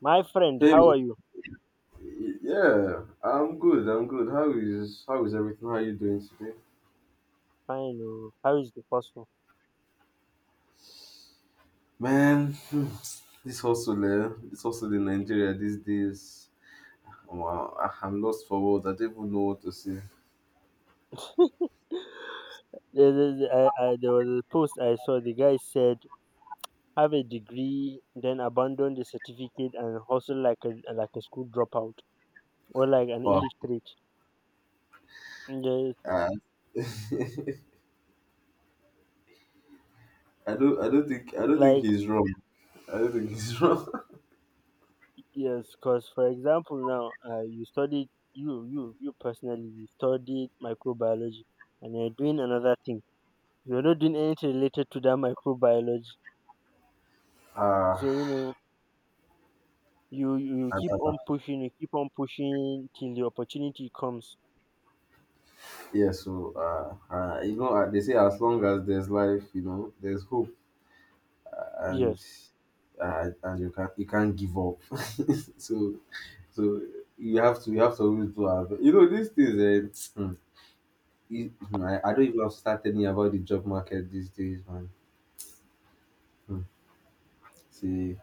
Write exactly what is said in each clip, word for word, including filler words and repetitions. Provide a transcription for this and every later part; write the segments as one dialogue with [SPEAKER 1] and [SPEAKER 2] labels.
[SPEAKER 1] My friend, how
[SPEAKER 2] Hey,
[SPEAKER 1] are you?
[SPEAKER 2] yeah, I'm good. I'm good. How is how is everything? How are you doing today,
[SPEAKER 1] Fine. Oh. How is the hustle?
[SPEAKER 2] man? hmm, This hustle, eh? This hustle in Nigeria these days. Wow, I- I'm lost for words. I don't even know what to say.
[SPEAKER 1] There is- I- I- there was a post I saw. The guy said, "Have a degree, then abandon the certificate and hustle like a like a school dropout or like an
[SPEAKER 2] Oh,
[SPEAKER 1] illiterate." Yes.
[SPEAKER 2] uh, I don't. I don't think. I don't think
[SPEAKER 1] like
[SPEAKER 2] he's wrong. I don't think he's wrong.
[SPEAKER 1] yes, because, for example, now uh, you studied, you you you personally, you studied microbiology, and you're doing another thing. You're not doing anything related to that microbiology.
[SPEAKER 2] Uh,
[SPEAKER 1] So you know, you you
[SPEAKER 2] uh,
[SPEAKER 1] keep
[SPEAKER 2] uh,
[SPEAKER 1] on pushing, you keep on pushing till the opportunity comes.
[SPEAKER 2] yeah. So, uh, uh, you know, uh, they say as long as there's life, you know, there's hope, and
[SPEAKER 1] Yes.
[SPEAKER 2] uh, and you can you can't give up. So. So you have to you have to always do our best. You know these things. Uh, it- I, I don't even have to start telling you about the job market these days, man. Hmm. See,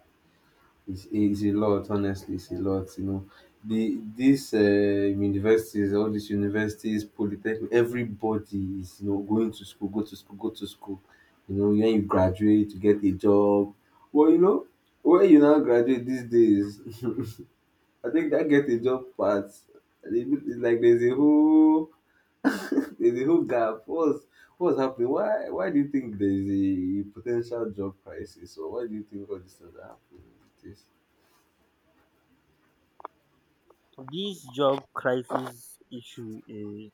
[SPEAKER 2] it's, it's a lot. Honestly, it's a lot. You know, the these uh, universities, all these universities, polytechnic, everybody is you know going to school, go to school, go to school. You know, when you graduate, you get a job. Well, you know, when you now graduate these days, I think that get a job part. It's like there's a whole There's a whole gap. What's what's happening? Why why do you think there is a potential job crisis, or why do you think all these things are happening? It is.
[SPEAKER 1] This job crisis issue is,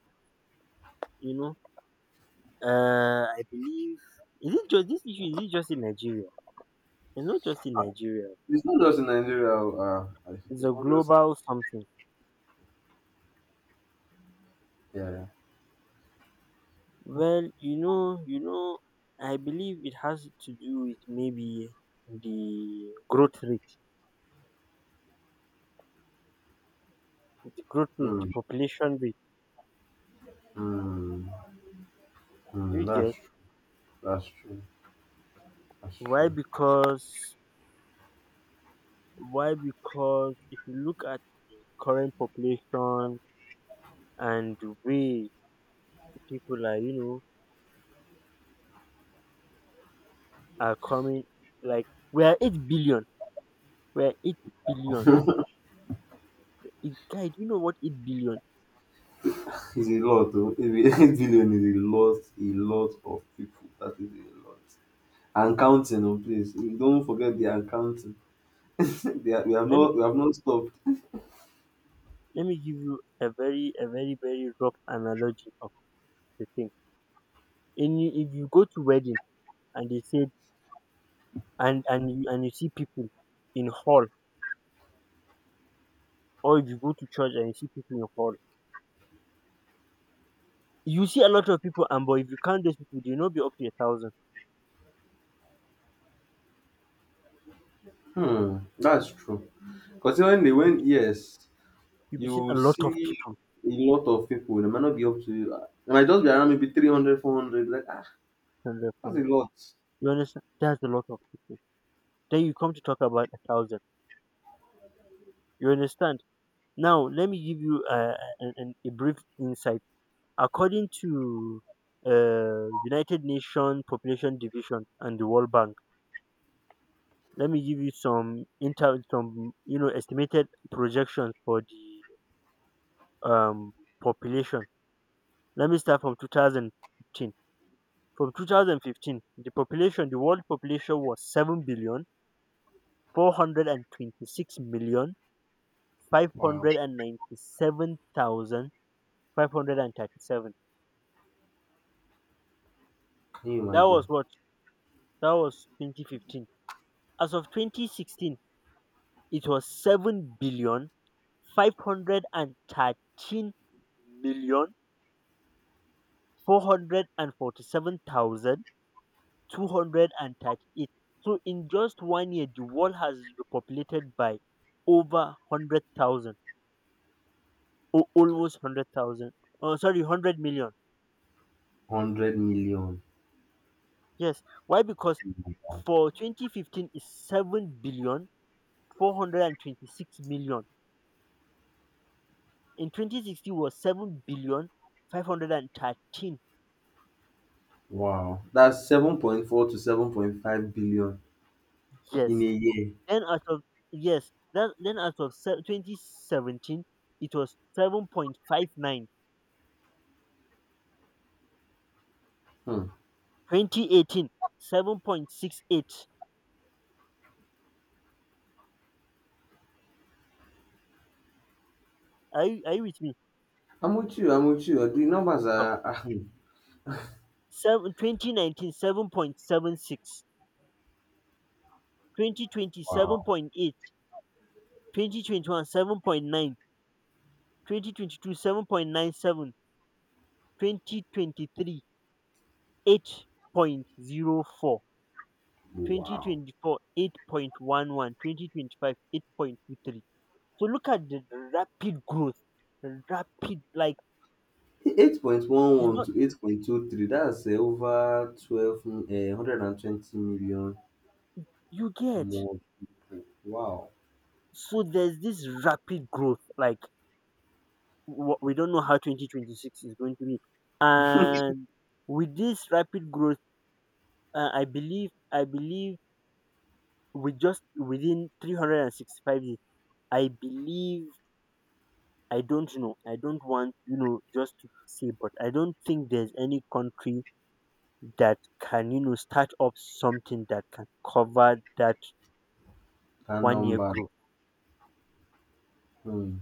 [SPEAKER 1] you know, uh I believe, is it just this issue, is it just in Nigeria? It's not just in Nigeria.
[SPEAKER 2] It's not just in Nigeria. Uh,
[SPEAKER 1] It's
[SPEAKER 2] it's
[SPEAKER 1] a
[SPEAKER 2] not just.
[SPEAKER 1] global something.
[SPEAKER 2] Yeah. Yeah.
[SPEAKER 1] Well, you know, you know I believe it has to do with maybe the growth rate, the growth rate the
[SPEAKER 2] Hmm.
[SPEAKER 1] population rate.
[SPEAKER 2] Hmm. Hmm.
[SPEAKER 1] You
[SPEAKER 2] That's
[SPEAKER 1] get?
[SPEAKER 2] true. That's true. That's
[SPEAKER 1] why
[SPEAKER 2] true.
[SPEAKER 1] because Why? Because if you look at the current population and the way people are, you know, are coming, like, we are eight billion. We are eight billion. It, guy, do you know what eight billion?
[SPEAKER 2] It's a lot. Oh. Eight billion is a lot. A lot of people. That is a lot. And counting, oh, please. You don't forget they are counting. they are, we have
[SPEAKER 1] Let me
[SPEAKER 2] not. We have not stopped.
[SPEAKER 1] let me give you a very, a very very rough analogy of the thing. In If you go to wedding and they say, and and you and you see people in hall, or if you go to church and you see people in hall, you see a lot of people. And but if you count those people, they will not be up to a thousand.
[SPEAKER 2] Hmm. That's true. Considering they went, yes.
[SPEAKER 1] You'll be seeing a
[SPEAKER 2] You
[SPEAKER 1] lot of
[SPEAKER 2] see
[SPEAKER 1] people,
[SPEAKER 2] a lot of people. They might not be up to, uh, they might just be around maybe three hundred, four hundred. Like, ah
[SPEAKER 1] than five
[SPEAKER 2] that's a
[SPEAKER 1] hundred.
[SPEAKER 2] lot.
[SPEAKER 1] You understand? That's a lot of people. Then you come to talk about a thousand. You understand? Now let me give you uh, an, a brief insight. According to uh, United Nations Population Division and the World Bank, let me give you some inter some you know, estimated projections for the um, population. Let me start from two thousand fifteen. From two thousand fifteen, the population, the world population was 7 billion four hundred and twenty six million five
[SPEAKER 2] Wow.
[SPEAKER 1] hundred and ninety seven thousand five hundred and thirty seven.
[SPEAKER 2] Can you
[SPEAKER 1] That was
[SPEAKER 2] imagine?
[SPEAKER 1] what? That was twenty fifteen. As of twenty sixteen, it was seven billion five hundred and thirteen million four hundred and forty seven thousand two hundred and thirty eight. So in just one year, the world has repopulated by over hundred thousand or almost hundred thousand. Oh, sorry, hundred million.
[SPEAKER 2] one hundred million.
[SPEAKER 1] Yes. Why? Because for twenty fifteen is seven billion four hundred and twenty six million. In twenty sixteen was seven billion five hundred and thirteen.
[SPEAKER 2] Wow. That's seven point four to seven point five billion in a
[SPEAKER 1] Yes.
[SPEAKER 2] year.
[SPEAKER 1] Then as of, yes, that, then as of se- twenty seventeen, it was seven point five nine.
[SPEAKER 2] Hmm.
[SPEAKER 1] Eighteen, seven point six eight. Are you, are you with me?
[SPEAKER 2] i'm with you i'm with you the numbers
[SPEAKER 1] So,
[SPEAKER 2] are, ah, hmm.
[SPEAKER 1] seven, twenty nineteen,
[SPEAKER 2] Wow.
[SPEAKER 1] twenty twenty one, seven point nine, twenty twenty two, nine seven, twenty twenty three, eight point zero four, twenty
[SPEAKER 2] Wow.
[SPEAKER 1] twenty four eight point one one, twenty, eight point two three. So look at the rapid growth, rapid, like, it's
[SPEAKER 2] eight point one one
[SPEAKER 1] not.
[SPEAKER 2] to eight point two three, that's, uh, over twelve, uh, one hundred twenty million
[SPEAKER 1] You get?
[SPEAKER 2] more. Wow,
[SPEAKER 1] So there's this rapid growth, like, wha- we don't know how twenty twenty six is going to be, and with this rapid growth, uh, i believe i believe we just within three hundred and sixty five days, I believe. I don't know. I don't want, you know, just to say, but I don't think there's any country that can, you know, start up something that can cover that
[SPEAKER 2] that
[SPEAKER 1] one year
[SPEAKER 2] number.
[SPEAKER 1] growth.
[SPEAKER 2] Hmm.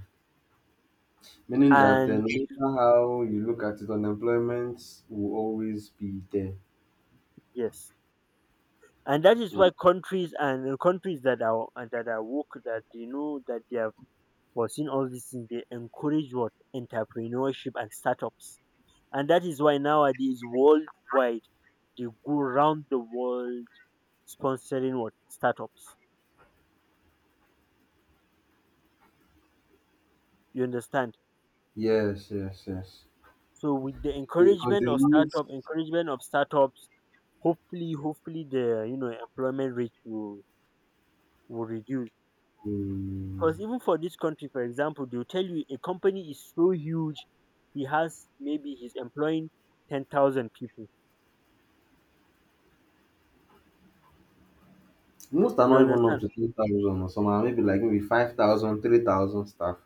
[SPEAKER 2] Meaning that, uh, no
[SPEAKER 1] And if you,
[SPEAKER 2] matter how you look at it, unemployment will always be there.
[SPEAKER 1] yes, and that is
[SPEAKER 2] Mm.
[SPEAKER 1] why countries and uh, countries that are and that are woke, that they know that they have foreseen all these things, they encourage what? Entrepreneurship and startups. And that is why nowadays worldwide they go around the world sponsoring what? Startups. You understand?
[SPEAKER 2] Yes, yes, yes.
[SPEAKER 1] So with the
[SPEAKER 2] Because
[SPEAKER 1] encouragement
[SPEAKER 2] they
[SPEAKER 1] of
[SPEAKER 2] need,
[SPEAKER 1] startup, encouragement of startups, hopefully, hopefully the, you know, employment rate will will reduce. Because
[SPEAKER 2] um,
[SPEAKER 1] even for this country, for example, they'll tell you a company is so huge, he has maybe he's employing ten thousand people.
[SPEAKER 2] most are
[SPEAKER 1] You
[SPEAKER 2] not even up
[SPEAKER 1] understand?
[SPEAKER 2] to three thousand, or some are maybe, like, maybe five thousand, three thousand staff.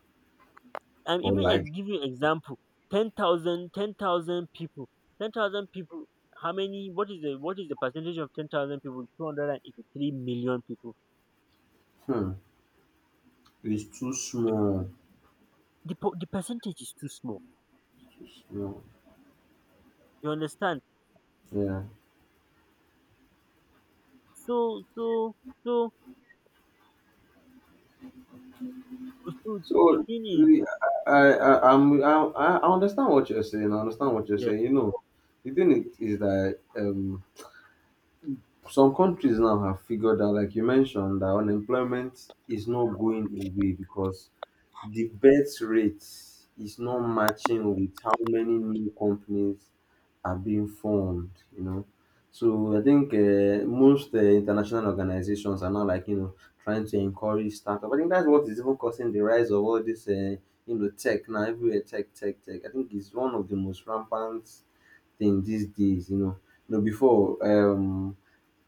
[SPEAKER 1] I'm
[SPEAKER 2] Or,
[SPEAKER 1] even I
[SPEAKER 2] like,
[SPEAKER 1] give you example, ten thousand, ten thousand people, ten thousand people. How many? What is the what is the percentage of ten thousand people? Two hundred and eighty-three million people.
[SPEAKER 2] hmm, it's too small.
[SPEAKER 1] The po- the percentage is too small.
[SPEAKER 2] Too small.
[SPEAKER 1] You understand?
[SPEAKER 2] Yeah.
[SPEAKER 1] So so so so the
[SPEAKER 2] So
[SPEAKER 1] thing is,
[SPEAKER 2] really, I I I I'm, I I I understand what you're saying. I understand what you're
[SPEAKER 1] yeah.
[SPEAKER 2] saying. You know, the thing is, is that um some countries now have figured out, like you mentioned, that unemployment is not going away because the birth rate is not matching with how many new companies are being formed, you know. So I think, uh, most uh, international organizations are now, like, you know, trying to encourage startup. I think that's what is even causing the rise of all this, uh, you know, tech now, everywhere tech, tech, tech. I think it's one of the most rampant things these days, you know. You know, before, um,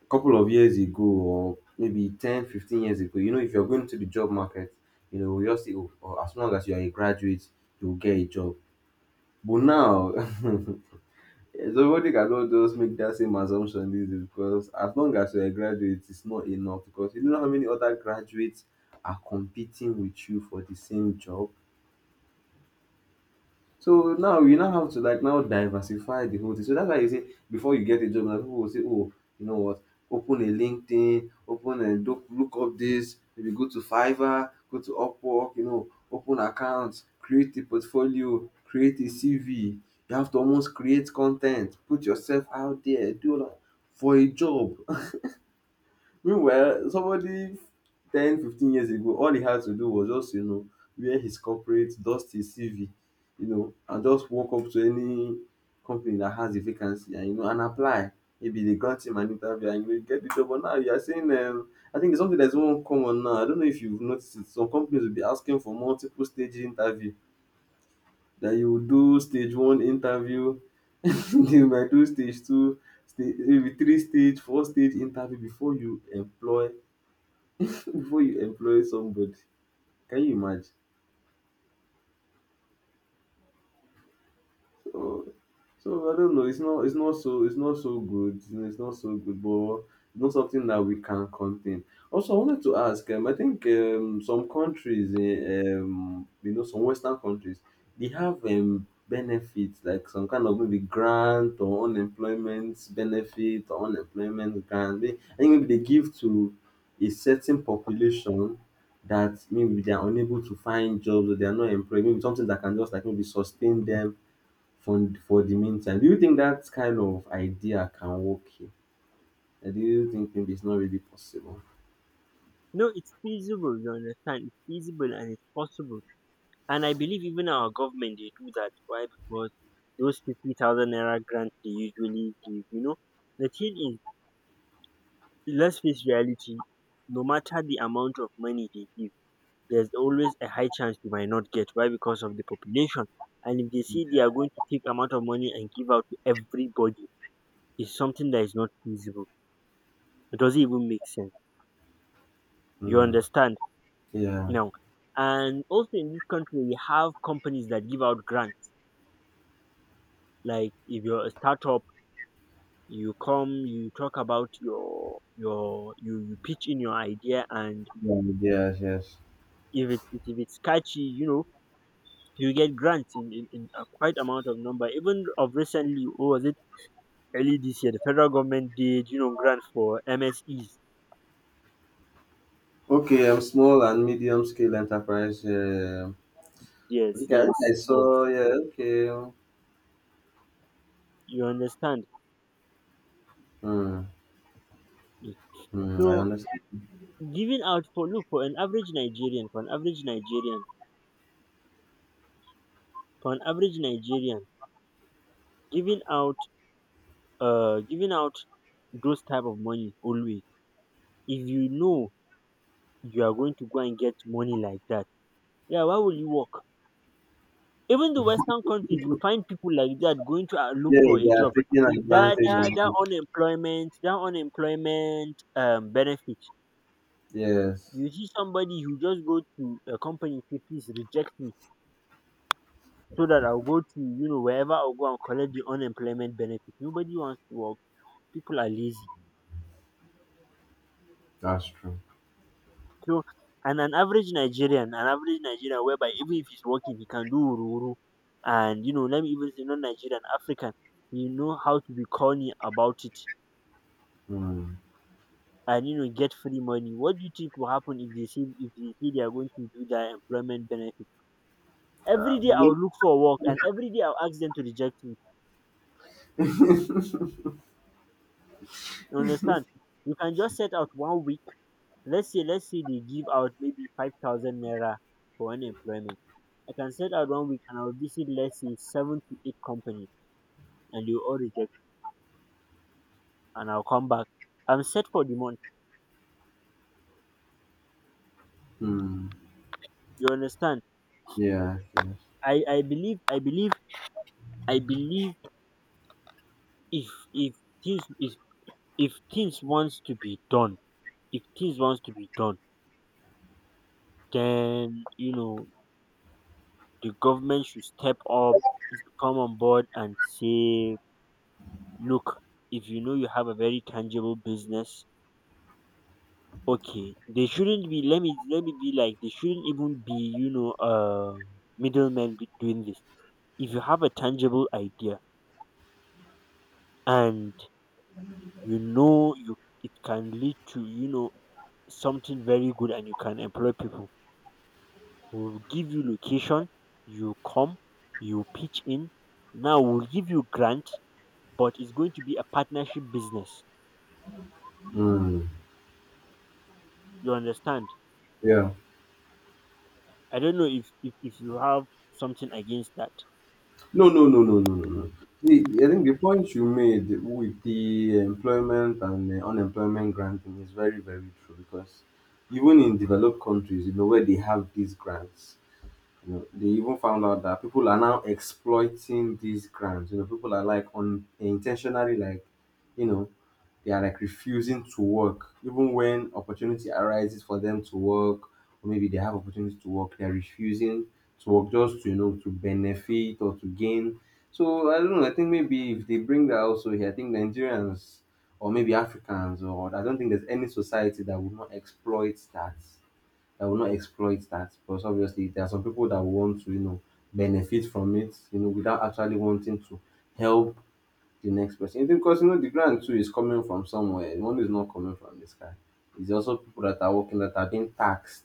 [SPEAKER 2] couple of years ago, or maybe ten, fifteen years ago, you know if you're going to the job market, you know we just say, oh, or as long as you are a graduate, you'll get a job, but now somebody cannot just make that same assumption these days, because as long as you're a graduate, it's not enough, because you don't know how many other graduates are competing with you for the same job. So now you now have to, like, now diversify the whole thing. So that's why you say, before you get a job, now people will say, oh, you know what? Open a LinkedIn, open and look, look up this. Maybe go to Fiverr, go to Upwork. You know, open accounts, create a portfolio, create a C V. You have to almost create content, put yourself out there, do all that for a job. Meanwhile, somebody ten, fifteen years ago, all he had to do was just, you know, wear his corporate, dust his C V, you know, and just walk up to any company that has a vacancy and, you know, and apply. Maybe they grant him an interview and, you know, you get the job. But now you are saying, um, I think it's something that's more common now. I don't know if you've noticed it. Some companies will be asking for multiple stage interview. That you will do stage one interview, you might do stage two, stage, maybe three stage, four stage interview, before you employ before you employ somebody. Can you imagine? So, so I don't know. It's not. It's not so. It's not so good. You know, it's not so good, but it's not something that we can contain. Also, I wanted to ask. Um, I think, um, some countries, eh, um, you know, some Western countries, they have, um, benefits like some kind of maybe grant or unemployment benefit or unemployment grant. They, I think maybe they give to a certain population that maybe they are unable to find jobs or they are not employed. Maybe something that can just, like, maybe sustain them for for the meantime. Do you think that kind of idea can work here? I do you think maybe it's not really possible?
[SPEAKER 1] No, it's feasible. You understand? It's feasible and it's possible. And I believe even our government they do that. Why? Because those fifty thousand naira grants they usually give. You know, the thing is, let's face reality. No matter the amount of money they give, there's always a high chance you might not get. Why? Because of the population. And if they see they are going to take amount of money and give out to everybody, it's something that is not feasible. It doesn't even make sense. You
[SPEAKER 2] Mm,
[SPEAKER 1] understand
[SPEAKER 2] yeah.
[SPEAKER 1] now. And also in this country, we have companies that give out grants. Like if you're a startup, you come, you talk about your, your you you pitch in your idea, and
[SPEAKER 2] Yeah. Yes, yes.
[SPEAKER 1] if it if it's catchy, you know, you get grants in, in, in a quite amount of number. Even of recently, what was it? Early this year, the federal government did, you know, grant for M S Es.
[SPEAKER 2] Okay, um, small and medium scale enterprise. Yeah. I
[SPEAKER 1] Yes,
[SPEAKER 2] think I, I
[SPEAKER 1] yes, yes.
[SPEAKER 2] saw, yeah, okay.
[SPEAKER 1] You understand.
[SPEAKER 2] Hmm. Hmm. I
[SPEAKER 1] So
[SPEAKER 2] understand.
[SPEAKER 1] giving out for, look, for an average Nigerian, for an average Nigerian, for an average Nigerian, giving out, uh giving out those type of money always, if you know you are going to go and get money like that, yeah, why will you work? Even the Western countries, you find people like that going to, uh, look
[SPEAKER 2] Yeah,
[SPEAKER 1] for
[SPEAKER 2] they
[SPEAKER 1] a
[SPEAKER 2] are
[SPEAKER 1] job.
[SPEAKER 2] taking
[SPEAKER 1] Eh, That
[SPEAKER 2] advantage of
[SPEAKER 1] that that
[SPEAKER 2] it.
[SPEAKER 1] unemployment, that unemployment um benefit.
[SPEAKER 2] Yes,
[SPEAKER 1] You see somebody who just go to a company, say please reject me, so that I'll go to, you know, wherever I'll go and collect the unemployment benefit. Nobody wants to work. People are lazy.
[SPEAKER 2] that's true.
[SPEAKER 1] So, and an average Nigerian, an average Nigerian, whereby even if he's working, he can do ururu. And you know, let me even say not Nigerian, African. You know how to be corny about it,
[SPEAKER 2] Hmm.
[SPEAKER 1] and you know, get free money. What do you think will happen if they see if they see they are going to do their employment benefit? Every day I'll look for work, and every day I'll ask them to reject me. You understand? You can just set out one week. Let's say let's say they give out maybe five thousand naira for unemployment. I can set out one week and I'll visit, let's say, seven to eight companies, and you all reject, and I'll come back. I'm set for the month.
[SPEAKER 2] Hmm.
[SPEAKER 1] You understand?
[SPEAKER 2] Yeah, yes.
[SPEAKER 1] I, I believe I believe I believe, if if things if if things wants to be done, if things wants to be done, then, you know, the government should step up, come on board and say, look, if you know you have a very tangible business, okay. They shouldn't be, let me let me be like, they shouldn't even be, you know, uh middlemen be doing this. If you have a tangible idea, and you know, you it can lead to, you know, something very good, and you can employ people, we'll give you location, you come, you pitch in, now we'll give you grant, but it's going to be a partnership business.
[SPEAKER 2] Hmm.
[SPEAKER 1] You understand?
[SPEAKER 2] Yeah.
[SPEAKER 1] I don't know if, if, if you have something against that.
[SPEAKER 2] No, no, no, no, no, no, no. The, I think the point you made with the employment and, uh, unemployment granting is very, very true, because even in developed countries, you know, where they have these grants, you know, they even found out that people are now exploiting these grants. You know, people are, like, on intentionally, like, you know, they are, like, refusing to work even when opportunity arises for them to work, or maybe they have opportunity to work, they are refusing to work just to you know to benefit or to gain. So I don't know. I think maybe if they bring that also here, I think Nigerians or maybe Africans, or I don't think there's any society that would not exploit that. I will not exploit that, because obviously there are some people that want to, you know, benefit from it, you know, without actually wanting to help the next person. You think, because you know the grant too is coming from somewhere. The money is not coming from the sky. It's also people that are working that are being taxed.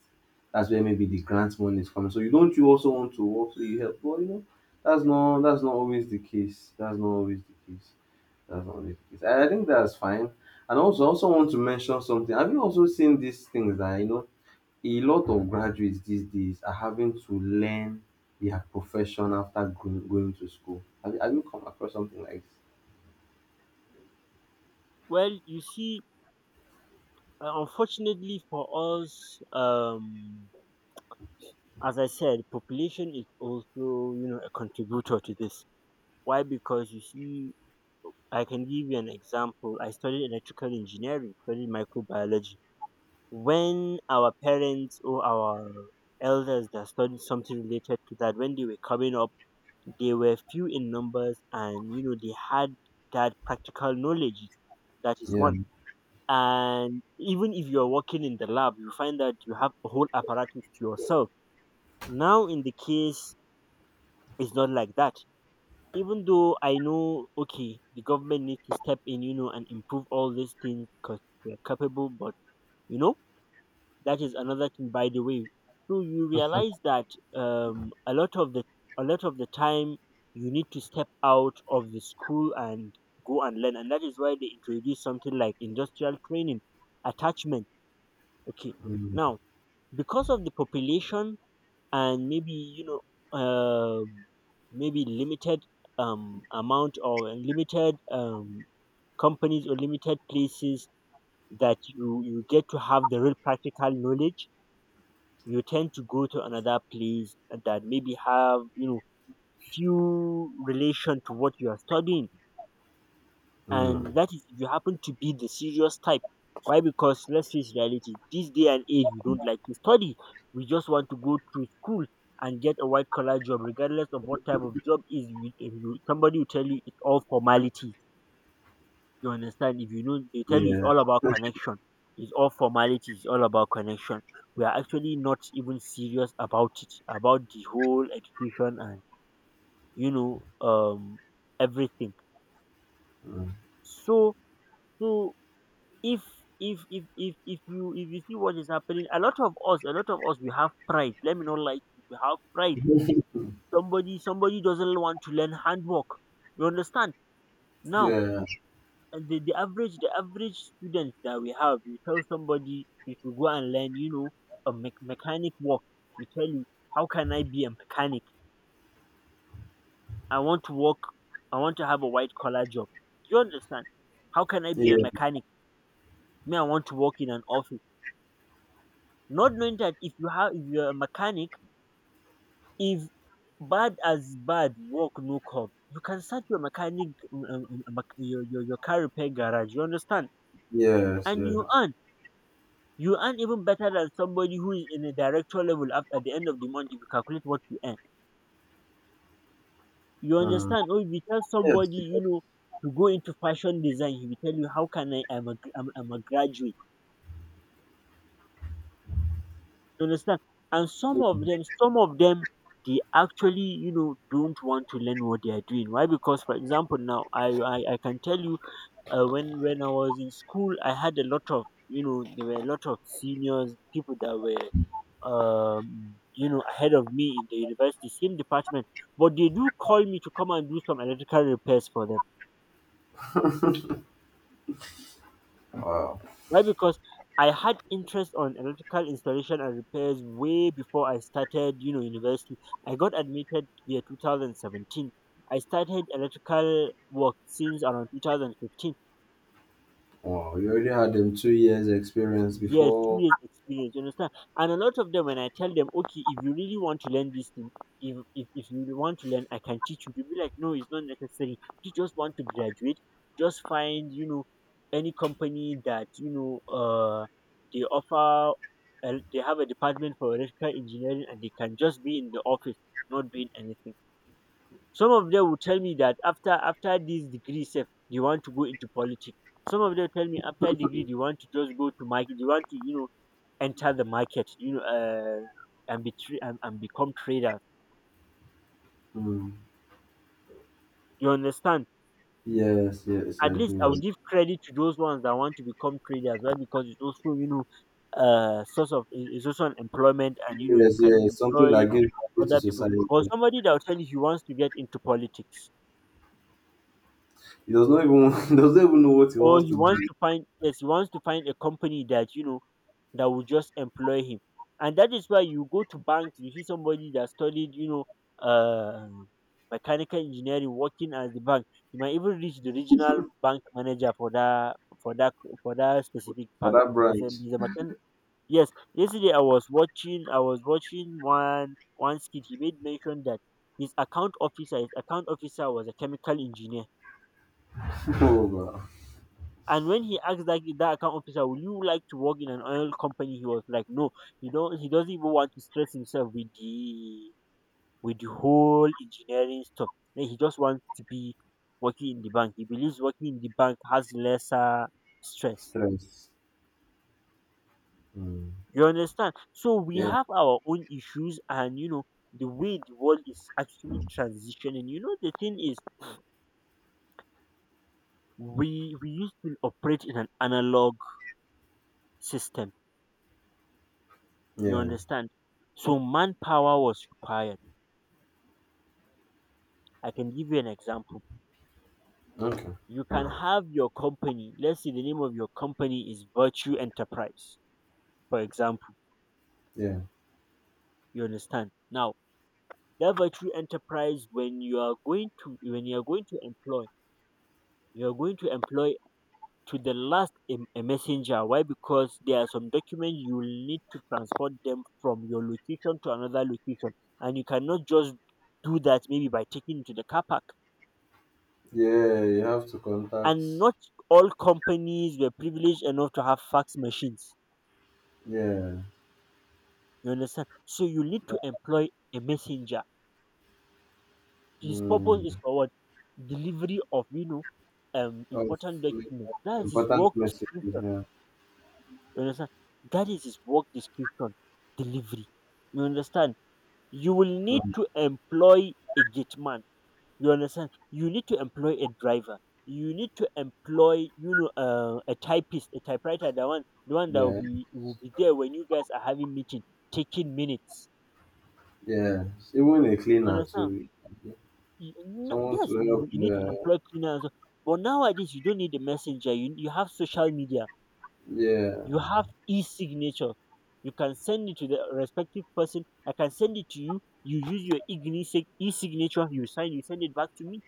[SPEAKER 2] That's where maybe the grant money is coming. So you don't you also want to work so you help? Well, you know, that's not that's not always the case. That's not always the case. That's not always the case. I, I think that's fine. And also, I also want to mention something. Have you also seen these things that you know a lot of graduates these days are having to learn their profession after going, going to school. Have, you- have you come across something like
[SPEAKER 1] Well, you see, uh, unfortunately for us, um as I said, population is also, you know, a contributor to this. Why? Because you see, I can give you an example. I studied electrical engineering, studied microbiology. When our parents or our elders that studied something related to that, when they were coming up, they were few in numbers, and you know, they had that practical knowledge. That is
[SPEAKER 2] this? Yeah.
[SPEAKER 1] one. And even if you're working in the lab, you find that you have a whole apparatus to yourself. Now in the case it's not like that. Even though I know, okay, the government needs to step in, you know, and improve all these things because they're capable, but you know, that is another thing, by the way. So you realize that, um, a lot of the a lot of the time you need to step out of the school and go and learn, and that is why they introduce something like industrial training attachment. Okay, now, because of the population and maybe, you know, uh, maybe limited um amount or limited um companies or limited places, that you you get to have the real practical knowledge, you tend to go to another place that maybe have, you know, few relation to what you are studying, and that is if you happen to be the serious type. Why? Because let's face reality. This day and age, we don't like to study. We just want to go to school and get a white collar job, regardless of what type of job is. you- If you, somebody will tell you it's all formality. You understand? If you know, they tell you it's
[SPEAKER 2] Yeah.
[SPEAKER 1] all about connection. It's all formality. It's all about connection. We are actually not even serious about it, about the whole education and you know um everything. So so if if if if if you, if you see what is happening, a lot of us, a lot of us we have pride. Let me not like we have pride somebody somebody doesn't want to learn handwork, you understand? Now,
[SPEAKER 2] Yeah.
[SPEAKER 1] and the, the average the average student that we have, you tell somebody you should go and learn, you know, a me- mechanic work. We tell you, how can I be a mechanic? I want to work. I want to have a white collar job. You understand? How can I be a
[SPEAKER 2] Yeah.
[SPEAKER 1] mechanic? Me, I want to work in an office, not knowing that if you have if you're a mechanic, If bad as bad work no come, you can start your mechanic um, um, um, um, mech- your, your your car repair garage. You understand?
[SPEAKER 2] Yes.
[SPEAKER 1] And you
[SPEAKER 2] Yes.
[SPEAKER 1] earn. You earn even better than somebody who is in a director level af- at the end of the month, if you calculate what you earn. You
[SPEAKER 2] Mm.
[SPEAKER 1] understand? Or if you tell
[SPEAKER 2] Yes.
[SPEAKER 1] somebody, you know, to go into fashion design, he will tell you, how can I I'm a gr- I'm, I'm a graduate. You understand? And some of
[SPEAKER 2] Definitely.
[SPEAKER 1] them, some of them they actually, you know, don't want to learn what they are doing. Why? Because for example now, I I, I can tell you, uh, when when I was in school, I had a lot of, you know, there were a lot of seniors, people that were, um, you know, ahead of me in the university, same department, but they do call me to come and do some electrical repairs for them.
[SPEAKER 2] Wow.
[SPEAKER 1] Why? Because I had interest on electrical installation and repairs way before I started, you know, university. I got admitted year twenty seventeen. I started electrical work since around two thousand fifteen.
[SPEAKER 2] Wow. You already had them two years experience
[SPEAKER 1] Yes, two
[SPEAKER 2] before.
[SPEAKER 1] years experience. You understand? And a lot of them, when I tell them, okay, if you really want to learn this thing, if if, if you really want to learn, I can teach you. They'll be like, no, it's not necessary. You just want to graduate. Just find, you know, any company that, you know, uh, they offer, uh, they have a department for electrical engineering, and they can just be in the office, not doing anything. Some of them will tell me that after after this degree, self, they want to go into politics. Some of them tell me after degree they want to just go to market, they want to, you know, enter the market, you know, uh, and be tra- and, and become traders,
[SPEAKER 2] Mm.
[SPEAKER 1] you understand?
[SPEAKER 2] Yes. Yes.
[SPEAKER 1] At
[SPEAKER 2] I
[SPEAKER 1] least
[SPEAKER 2] do.
[SPEAKER 1] I'll give credit to those ones that want to become traders, right, because it's also, you know, uh source of it- it's also an employment, and you know, you
[SPEAKER 2] Yes.
[SPEAKER 1] can
[SPEAKER 2] Yes. Something
[SPEAKER 1] employ
[SPEAKER 2] that gives value to
[SPEAKER 1] other people. But
[SPEAKER 2] society.
[SPEAKER 1] somebody that will tell you he wants to get into politics,
[SPEAKER 2] He does not even, he does not even know what he
[SPEAKER 1] or
[SPEAKER 2] wants
[SPEAKER 1] he
[SPEAKER 2] to do
[SPEAKER 1] wants to find, yes, he wants to find a company that, you know, that will just employ him. And that is why you go to banks, you see somebody that studied, you know, uh, mechanical engineering working as the bank. You might even reach the regional bank manager for that, for that for that specific
[SPEAKER 2] for
[SPEAKER 1] bank.
[SPEAKER 2] that
[SPEAKER 1] He's a
[SPEAKER 2] branch.
[SPEAKER 1] he's a mechan- Yes, yesterday I was watching, I was watching one one skit. He made mention that his account officer his account officer was a chemical engineer.
[SPEAKER 2] Oh, wow.
[SPEAKER 1] And when he asked that, that account officer, "Would you like to work in an oil company?" He was like, "No, he don't. He doesn't even want to stress himself with the with the whole engineering stuff. Then he just wants to be working in the bank. He believes working in the bank has lesser stress."
[SPEAKER 2] Stress. Mm.
[SPEAKER 1] You understand? So we
[SPEAKER 2] Yeah,
[SPEAKER 1] have our own issues, and you know the way the world is actually transitioning. You know the thing is, we we used to operate in an analog system. You
[SPEAKER 2] yeah.
[SPEAKER 1] understand? So manpower was required. I can give you an example.
[SPEAKER 2] Okay.
[SPEAKER 1] You can have your company, let's say the name of your company is Virtue Enterprise, for example.
[SPEAKER 2] Yeah.
[SPEAKER 1] You understand? Now, that Virtue Enterprise, when you are going to when you are going to employ, you are going to employ to the last a, a messenger. Why? Because there are some documents you will need to transport them from your location to another location. And you cannot just do that maybe by taking it to the car park.
[SPEAKER 2] Yeah, you have to contact,
[SPEAKER 1] And not all companies were privileged enough to have fax machines.
[SPEAKER 2] yeah.
[SPEAKER 1] You understand? So you need to employ a messenger. His purpose is
[SPEAKER 2] Mm.
[SPEAKER 1] for what? Delivery of, you know, um
[SPEAKER 2] Of,
[SPEAKER 1] important
[SPEAKER 2] like,
[SPEAKER 1] documents. That is his
[SPEAKER 2] important
[SPEAKER 1] work
[SPEAKER 2] messages,
[SPEAKER 1] description.
[SPEAKER 2] yeah.
[SPEAKER 1] You understand? That is his work description. Delivery. You understand? You will need
[SPEAKER 2] Mm,
[SPEAKER 1] to employ a gate man. You understand? You need to employ a driver. You need to employ, you know, uh, a typist, a typewriter, the one, the one that will
[SPEAKER 2] yeah.
[SPEAKER 1] be will be there when you guys are having meeting, taking minutes.
[SPEAKER 2] Yeah. Even a
[SPEAKER 1] You
[SPEAKER 2] cleaner
[SPEAKER 1] understand?
[SPEAKER 2] to
[SPEAKER 1] Y- No,
[SPEAKER 2] someone
[SPEAKER 1] yes,
[SPEAKER 2] to help
[SPEAKER 1] you, you
[SPEAKER 2] you.
[SPEAKER 1] need to
[SPEAKER 2] Uh,
[SPEAKER 1] employ cleaners. But nowadays, you don't need a messenger. You, you have social media.
[SPEAKER 2] yeah.
[SPEAKER 1] You have e-signature. You can send it to the respective person. I can send it to you. You use your igni- sig- e-signature. You sign. You send it back to me.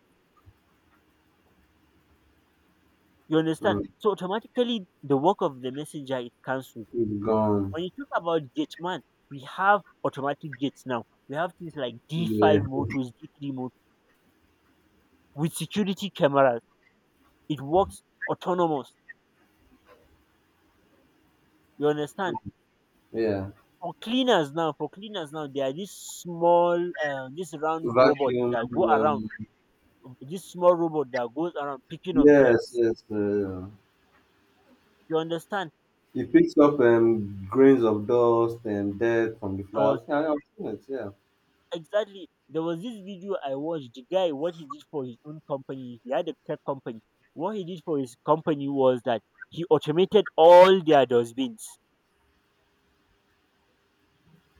[SPEAKER 1] You understand?
[SPEAKER 2] Mm.
[SPEAKER 1] So automatically, the work of the messenger is cancelled.
[SPEAKER 2] With gum.
[SPEAKER 1] When you talk about gate man, we have automatic gates now. We have things like
[SPEAKER 2] Yeah.
[SPEAKER 1] D five motors, D three motors with security cameras. It works autonomous. You understand?
[SPEAKER 2] Yeah.
[SPEAKER 1] For cleaners now, for cleaners now, there are these small, uh, this round robot
[SPEAKER 2] Vacuum,
[SPEAKER 1] that go around,
[SPEAKER 2] um,
[SPEAKER 1] this small robot that goes around picking up dirt.
[SPEAKER 2] yes, yes, uh,
[SPEAKER 1] You understand?
[SPEAKER 2] he picks up um grains of dust and dirt from the
[SPEAKER 1] Because
[SPEAKER 2] flower. Yeah, I've seen it, yeah.
[SPEAKER 1] exactly, there was this video I watched. The guy, what he did for his own company, he had a tech company. What he did for his company was that he automated all their dustbins.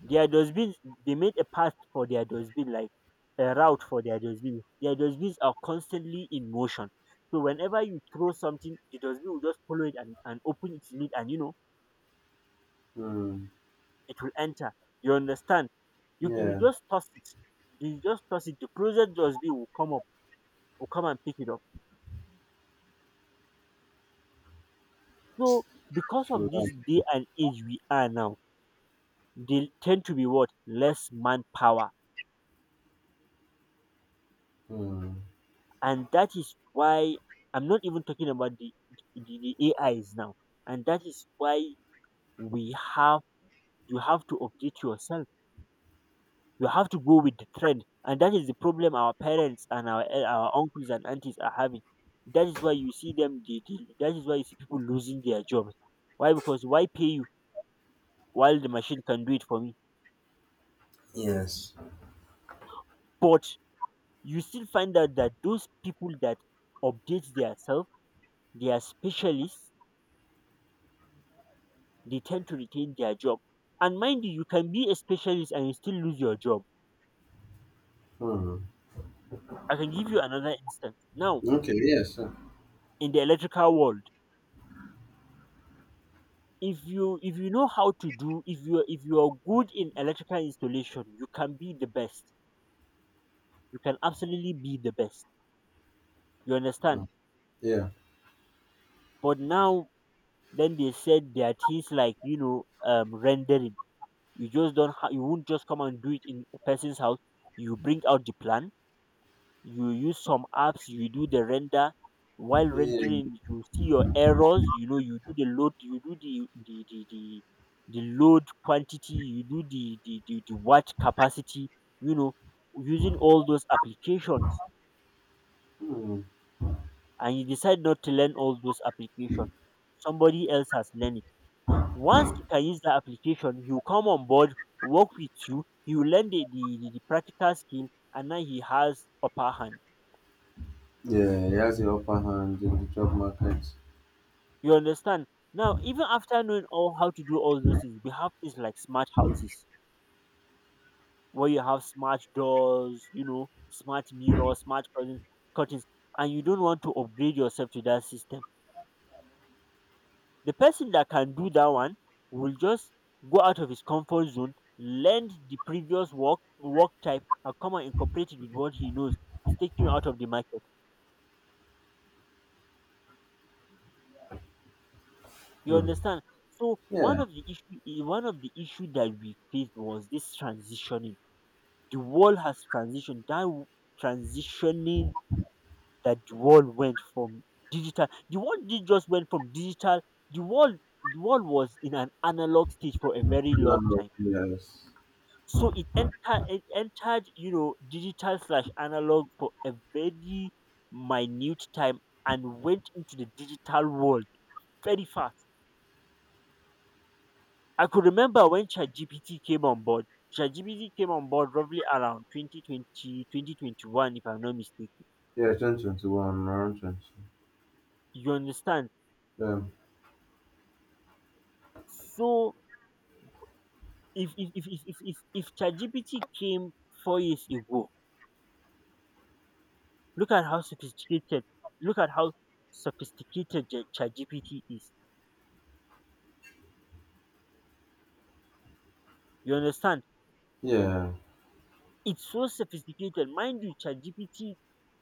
[SPEAKER 1] Their dustbins, they made a path for their dustbin, like a route for their dustbin. Their dustbins are constantly in motion. So whenever you throw something, the dustbin will just follow it and, and open its lid, and you know,
[SPEAKER 2] Mm.
[SPEAKER 1] it will enter. You understand? You, you
[SPEAKER 2] Yeah.
[SPEAKER 1] just toss it. You just toss it. The closest dustbin will come up, will come and pick it up. So because
[SPEAKER 2] True.
[SPEAKER 1] of
[SPEAKER 2] That's
[SPEAKER 1] this day
[SPEAKER 2] true.
[SPEAKER 1] and age we are now, they tend to be what? Less manpower.
[SPEAKER 2] Hmm.
[SPEAKER 1] And that is why, I'm not even talking about the, the, the AIs now. And that is why we have, you have to update yourself, you have to go with the trend. And that is the problem our parents and our el- our uncles and aunties are having. That is why you see them, they, they- that is why you see people losing their jobs. Why? Because why pay you while the machine can do it for me?
[SPEAKER 2] Yes.
[SPEAKER 1] But you still find out that those people that update themselves, they are specialists, they tend to retain their job. And mind you, you can be a specialist and you still lose your job.
[SPEAKER 2] Hmm.
[SPEAKER 1] I can give you another instance. Now,
[SPEAKER 2] Okay. Yes. uh,
[SPEAKER 1] in the electrical world, if you if you know how to do, if you if you are good in electrical installation, you can be the best. You can absolutely be the best. You understand?
[SPEAKER 2] uh, Yeah.
[SPEAKER 1] But now then they said there are things like, you know, um rendering. You just don't ha- you won't just come and do it in a person's house. You bring out the plan, you use some apps, you do the render. While
[SPEAKER 2] Yeah.
[SPEAKER 1] rendering you see your errors, you know, you do the load, you do the the the, the the load quantity, you do the the, the the watt capacity, you know, using all those applications.
[SPEAKER 2] Hmm.
[SPEAKER 1] And you decide not to learn all those applications, somebody else has learned it. Once he can use that application, he will come on board, work with you. He will learn the the, the, the practical skill, and now he has upper hand.
[SPEAKER 2] Yeah. He has the upper hand in the job market.
[SPEAKER 1] You understand? Now, even after knowing all how to do all those things, we have things like smart houses where you have smart doors, you know, smart mirrors, smart curtains, curtains, and you don't want to upgrade yourself to that system. The person that can do that one will just go out of his comfort zone, learn the previous work work type, and come and incorporate it with what he knows. It's taking you out of the market. You
[SPEAKER 2] Hmm.
[SPEAKER 1] understand? So
[SPEAKER 2] Yeah.
[SPEAKER 1] one of the issue, eh, one of the issue that we faced was this transitioning. The world has transitioned. That w- transitioning That the world went from digital, the world did just went from digital. The world, the world was in an analog stage for a very long
[SPEAKER 2] No,
[SPEAKER 1] time.
[SPEAKER 2] yes.
[SPEAKER 1] So it entered, it entered, you know, digital slash analog for a very minute time and went into the digital world very fast. I could remember when ChatGPT came on board. ChatGPT came on board roughly around twenty twenty, twenty twenty-one, if I'm not mistaken.
[SPEAKER 2] Yeah. Twenty twenty one. Around twenty.
[SPEAKER 1] You understand?
[SPEAKER 2] Um,
[SPEAKER 1] So if if if if if if, if ChatGPT came four years ago, look at how sophisticated, look at how sophisticated Ja- ChatGPT is. You understand?
[SPEAKER 2] yeah.
[SPEAKER 1] It's so sophisticated. Mind you, ChatGPT,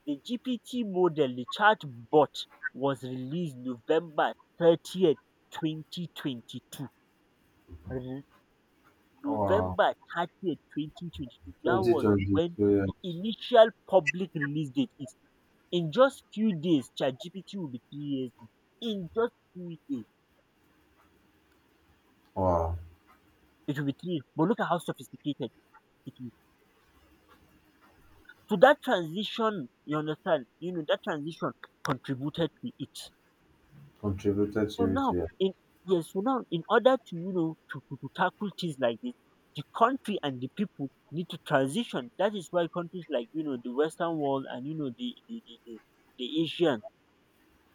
[SPEAKER 1] the G P T model, the chat bot was released November thirtieth, twenty twenty-two. Re-
[SPEAKER 2] Wow.
[SPEAKER 1] November thirtieth, twenty twenty-two. That
[SPEAKER 2] Twenty
[SPEAKER 1] was
[SPEAKER 2] twenty
[SPEAKER 1] when
[SPEAKER 2] two. Yes.
[SPEAKER 1] the initial public release date is. In just few days, ChatGPT will be three years old. In just few days,
[SPEAKER 2] Wow.
[SPEAKER 1] it will be three years. But look at how sophisticated it is. So that transition, you understand, you know, that transition contributed to it.
[SPEAKER 2] Contributed
[SPEAKER 1] So
[SPEAKER 2] to it.
[SPEAKER 1] now,
[SPEAKER 2] Yeah.
[SPEAKER 1] in yes, so now in order to you know to, to, to tackle things like this, the country and the people need to transition. That is why countries like you know the Western world and you know the the the, the, the Asian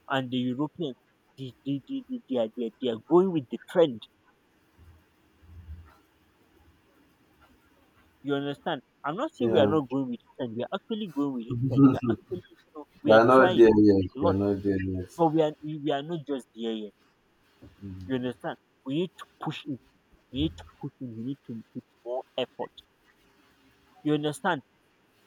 [SPEAKER 1] and the Europeans, they, they, they, they, they, are, they, are, they are going with the trend. You understand? I'm not saying we are
[SPEAKER 2] Yeah.
[SPEAKER 1] not going with the trend. We are actually going with the trend. We are actually, you know, we are
[SPEAKER 2] They're not
[SPEAKER 1] trying
[SPEAKER 2] there yet.
[SPEAKER 1] a
[SPEAKER 2] They're
[SPEAKER 1] lot,
[SPEAKER 2] not there yet.
[SPEAKER 1] but we are we, we are not just there yet. You
[SPEAKER 2] Mm.
[SPEAKER 1] understand? We need to push it. We need to push in. We need to put more effort. You understand?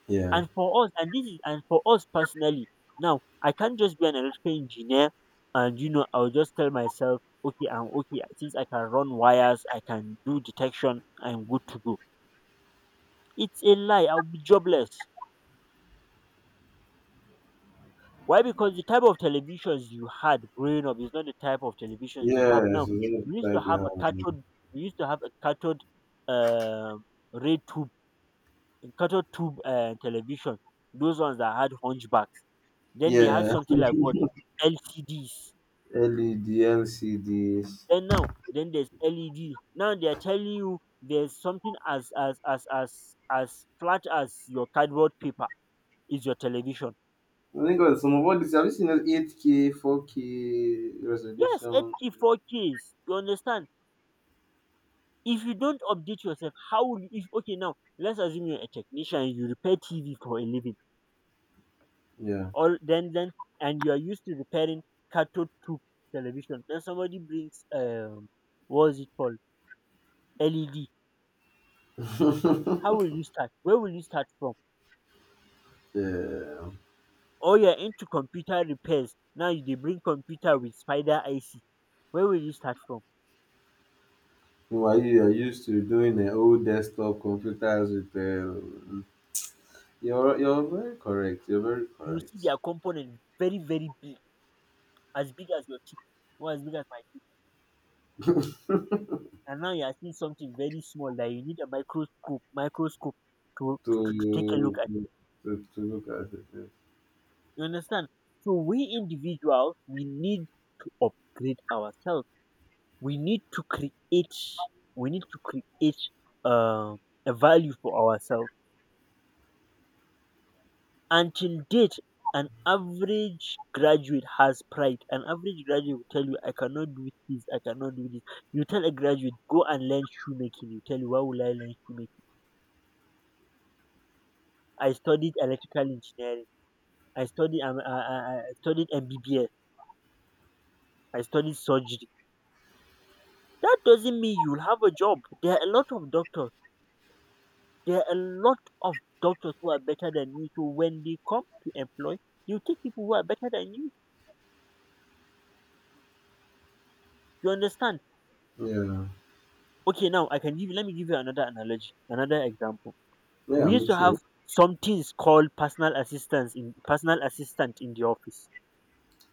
[SPEAKER 2] Yeah.
[SPEAKER 1] And for us, and this is and for us personally, now I can't just be an electrical engineer, and you know I'll just tell myself, okay, I'm okay. Since I can run wires, I can do detection. I'm good to go. It's a lie. I'll be jobless. Why? Because the type of televisions you had growing up is not the type of televisions you have
[SPEAKER 2] Yes. It's
[SPEAKER 1] now.
[SPEAKER 2] not
[SPEAKER 1] We used to
[SPEAKER 2] like we
[SPEAKER 1] have a
[SPEAKER 2] have.
[SPEAKER 1] cathode. We used to have a cathode uh, ray tube, cathode tube uh, television. Those ones that had hunchbacks. Then they had
[SPEAKER 2] Yeah.
[SPEAKER 1] something like, what, L C Ds.
[SPEAKER 2] L E D L C Ds.
[SPEAKER 1] Then now, then there's L E D. Now they are telling you there's something as as as as as flat as your cardboard paper is your television.
[SPEAKER 2] I think, uh, some of all this, have you seen those eight K, four K
[SPEAKER 1] Yes,
[SPEAKER 2] resolution?
[SPEAKER 1] eight K, four Ks. You understand? If you don't update yourself, how will you, if, okay, now, let's assume you're a technician, you repair T V for a living,
[SPEAKER 2] Yeah.
[SPEAKER 1] or then then and you are used to repairing cathode tube television. Then somebody brings um what's it called, L E D. How will you start? Where will you start from?
[SPEAKER 2] Yeah.
[SPEAKER 1] Or you're into computer repairs now. you- They bring computer with Spider I C. Where will you start from?
[SPEAKER 2] Meanwhile, you are used to doing the old desktop computers with. Uh, you're you're very correct. You're very
[SPEAKER 1] You will see
[SPEAKER 2] correct
[SPEAKER 1] their component very, very big, as big as your chip, or as big as my, and now you are seeing something very small that you need a microscope microscope to,
[SPEAKER 2] to
[SPEAKER 1] to, to take a look at.
[SPEAKER 2] to, to look at it.
[SPEAKER 1] You understand? So we individuals, we need to upgrade ourselves. we need to create we need to create uh, a value for ourselves. Until date, an average graduate has pride. An average graduate will tell you, I cannot do this, I cannot do this. You tell a graduate, go and learn shoemaking, you tell, you, why will I learn shoemaking? I studied electrical engineering. I studied um, I, I I studied M B B S. I studied surgery. That doesn't mean you'll have a job. There are a lot of doctors. There are a lot of doctors who are better than you. So when they come to employ, you take people who are better than you. You understand?
[SPEAKER 2] Yeah. Yeah,
[SPEAKER 1] Okay, now I can give. Let me give you another analogy, another example.
[SPEAKER 2] yeah,
[SPEAKER 1] We used
[SPEAKER 2] I'm
[SPEAKER 1] to have
[SPEAKER 2] sure.
[SPEAKER 1] some things called personal assistants in personal assistant in the office.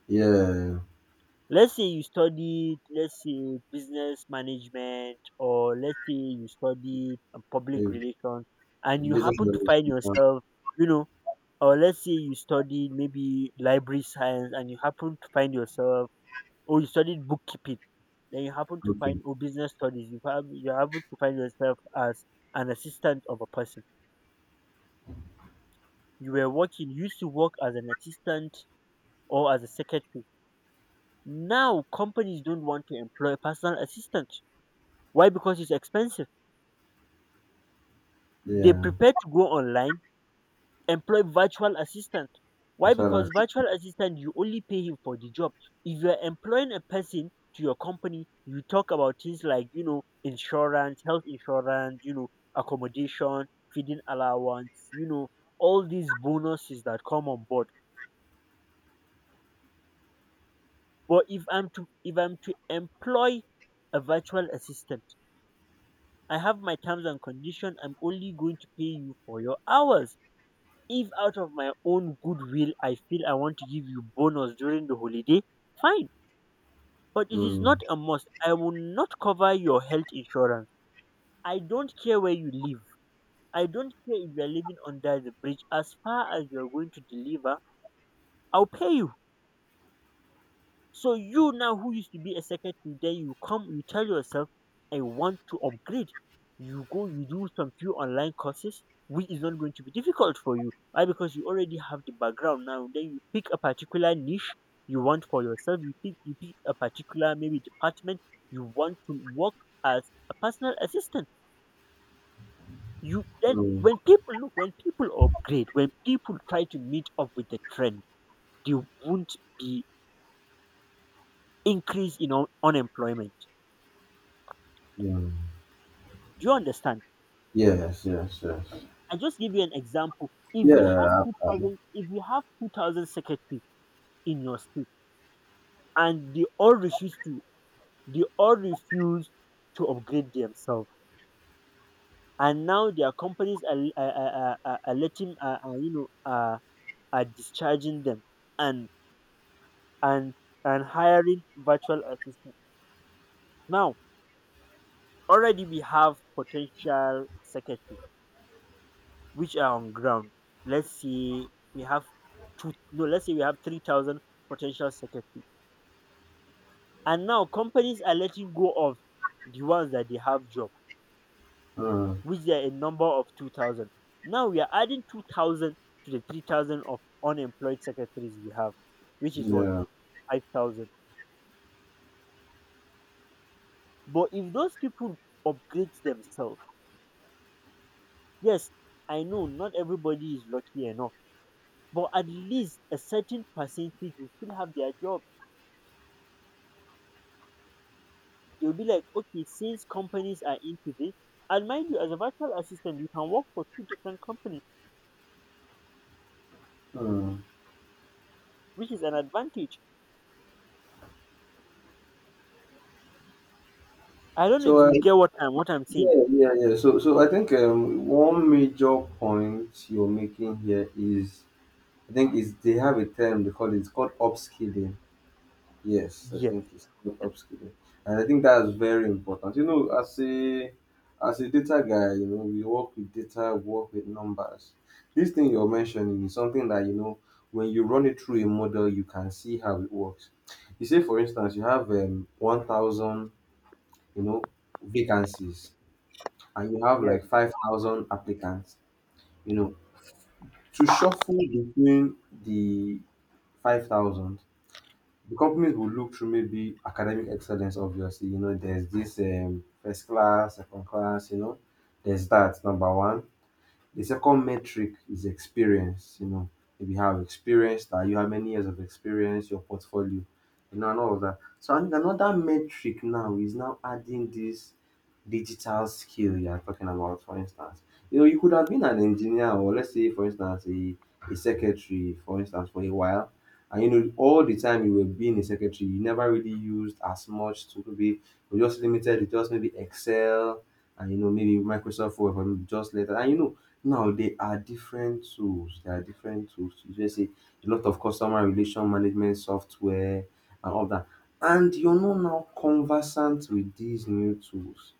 [SPEAKER 2] Yeah.
[SPEAKER 1] Let's say you studied, let's say business management, or let's say you studied uh, public
[SPEAKER 2] Eh,
[SPEAKER 1] relations, and you
[SPEAKER 2] Business
[SPEAKER 1] happen to find
[SPEAKER 2] resolution.
[SPEAKER 1] yourself, you know, or let's say you studied maybe library science, and you happen to find yourself, or you studied bookkeeping, then you happen to
[SPEAKER 2] Okay.
[SPEAKER 1] find, or business studies, you have you happen to find yourself as an assistant of a person. You were working, you used to work as an assistant or as a secretary. Now companies don't want to employ a personal assistant. Why? Because it's expensive. They
[SPEAKER 2] Yeah.
[SPEAKER 1] prepare to go online, employ virtual assistant. Why?
[SPEAKER 2] That's what I
[SPEAKER 1] Because
[SPEAKER 2] see.
[SPEAKER 1] virtual assistant, you only pay him for the job. If you are employing a person to your company, you talk about things like you know insurance, health insurance, you know accommodation, feeding allowance, you know all these bonuses that come on board. But if I'm to if I'm to employ a virtual assistant, I have my terms and condition. I'm only going to pay you for your hours. If out of my own goodwill I feel I want to give you bonus during the holiday, fine. But it is
[SPEAKER 2] Mm,
[SPEAKER 1] not a must. I will not cover your health insurance. I don't care where you live. I don't care if you are living under the bridge. As far as you are going to deliver, I'll pay you. So you now, who used to be a secretary, then you come, you tell yourself, I want to upgrade. You go, you do some few online courses, which is not going to be difficult for you. Why? Because you already have the background now. Then you pick a particular niche you want for yourself. You pick you pick a particular maybe department you want to work as a personal assistant. You then
[SPEAKER 2] mm,
[SPEAKER 1] when people look when people upgrade, when people try to meet up with the trend, they won't be increase in un- unemployment.
[SPEAKER 2] yeah.
[SPEAKER 1] Do you understand?
[SPEAKER 2] Yes. Yes. Yes.
[SPEAKER 1] I just give you an example. If
[SPEAKER 2] Yeah.
[SPEAKER 1] we have
[SPEAKER 2] I-
[SPEAKER 1] two
[SPEAKER 2] I-
[SPEAKER 1] thousand, if we have two thousand secretary in your state, and they all refuse to, they all refuse to upgrade themselves, and now their companies are are, are, are, are letting, are, are, you know, are, are discharging them, and and and hiring virtual assistant. Now already we have potential secretary which are on ground. Let's say we have two, no, let's say we have three thousand potential secretary. And now companies are letting go of the ones that they have job,
[SPEAKER 2] Mm,
[SPEAKER 1] which there are a number of two thousand. Now we are adding two thousand to the three thousand of unemployed secretaries we have, which is what?
[SPEAKER 2] yeah.
[SPEAKER 1] five thousand. But if those people upgrade themselves, yes, I know not everybody is lucky enough, but at least a certain percentage will still have their job. They'll be like, okay, since companies are into this, and mind you, as a virtual assistant, you can work for two different companies,
[SPEAKER 2] Mm.
[SPEAKER 1] which is an advantage. I don't know
[SPEAKER 2] So,
[SPEAKER 1] if
[SPEAKER 2] uh,
[SPEAKER 1] you get what I'm what I'm
[SPEAKER 2] yeah,
[SPEAKER 1] saying.
[SPEAKER 2] yeah, yeah. So so I think, um, one major point you're making here is, I think, is they have a term they call it, it's called upskilling. Yes, I
[SPEAKER 1] Yes,
[SPEAKER 2] think it's called upskilling, and I think that's very important. You know, as a as a data guy, you know, we work with data, we work with numbers. This thing you're mentioning is something that you know when you run it through a model, you can see how it works. You say, for instance, you have um, one thousand, you know, vacancies, and you have
[SPEAKER 1] yes,
[SPEAKER 2] like five thousand applicants, you know, to shuffle between the five thousand. The companies will look through maybe academic excellence, obviously. You know, there's this um, first class, second class, you know, there's that, number one. The second metric is experience, you know, maybe how experienced are you, how many years of experience, your portfolio, you know, and all of that. So I think another metric now is now adding this digital skill you are talking about, for instance. You know, you could have been an engineer or, let's say, for instance, a, a secretary, for instance, for a while. And you know, all the time you were being a secretary, you never really used as much to be you just limited to just maybe Excel and you know maybe Microsoft Word or just later. And you know, now there are different tools, there are different tools. You just say a lot of customer relation management software and all that. And you're not now conversant with these new tools.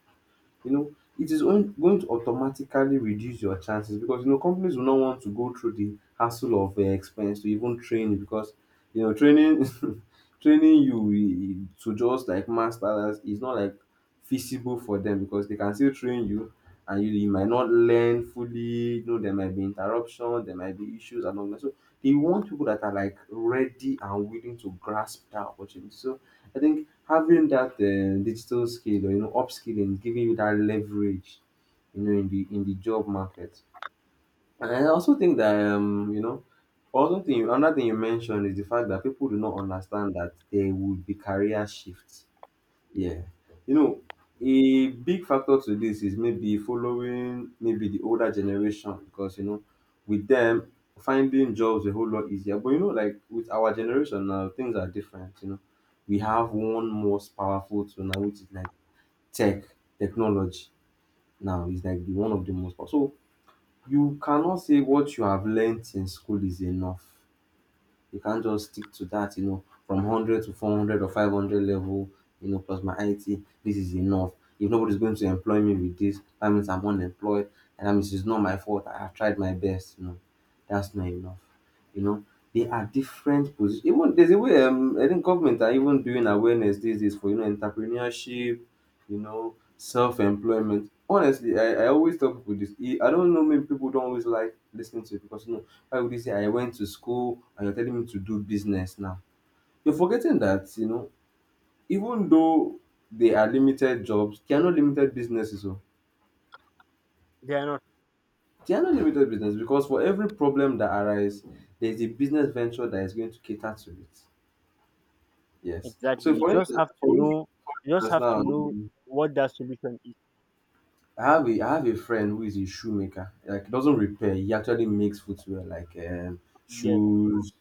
[SPEAKER 2] You know, it is on, going to automatically reduce your chances, because you know companies will not want to go through the hassle of uh, expense to even train you, because you know training training you eh, to just like master, that is not like feasible for them, because they can still train you and you, you might not learn fully. You know, there might be interruption, there might be issues and all that. So they want people that are like ready and willing to grasp that opportunity. So I think having that uh, digital skill, or you know upskilling, giving you that leverage, you know, in the in the job market. And I also think that um, you know, also thing another thing you mentioned is the fact that people do not understand that there would be career shifts. Yeah. You know, a big factor to this is maybe following maybe the older generation, because, you know, with them, finding jobs a whole lot easier. But, you know, like with our generation now, things are different. You know, we have one most powerful tool now, which is like tech, technology now is like the one of the most powerful. So you cannot say what you have learnt in school is enough. You can't just stick to that, you know, from one hundred to four hundred or five hundred level, you know, plus my I T, this is enough. If nobody's going to employ me with this, that means I'm unemployed, and that means it's not my fault. I have tried my best, you know. That's not enough. You know, there are different positions. Even there's a way, um, I think government are even doing awareness these days for you know entrepreneurship, you know, self-employment. Honestly, I, I always tell people this. E- I don't know, maybe people don't always like listening to it, because you know why would you say I went to school and you're telling me to do business now? You're forgetting that, you know, even though they are limited jobs, they are not limited businesses. Oh.
[SPEAKER 1] they are not,
[SPEAKER 2] They are not limited business, because for every problem that arises, there's a business venture that is going to cater to it. Yes.
[SPEAKER 1] exactly.
[SPEAKER 2] So
[SPEAKER 1] You
[SPEAKER 2] for
[SPEAKER 1] just
[SPEAKER 2] instance,
[SPEAKER 1] have to
[SPEAKER 2] for
[SPEAKER 1] know. You just
[SPEAKER 2] instance
[SPEAKER 1] have
[SPEAKER 2] now,
[SPEAKER 1] to know
[SPEAKER 2] um,
[SPEAKER 1] what that solution is.
[SPEAKER 2] I have a I have a friend who is a shoemaker. Like he doesn't repair, he actually makes footwear like um
[SPEAKER 1] Yes,
[SPEAKER 2] shoes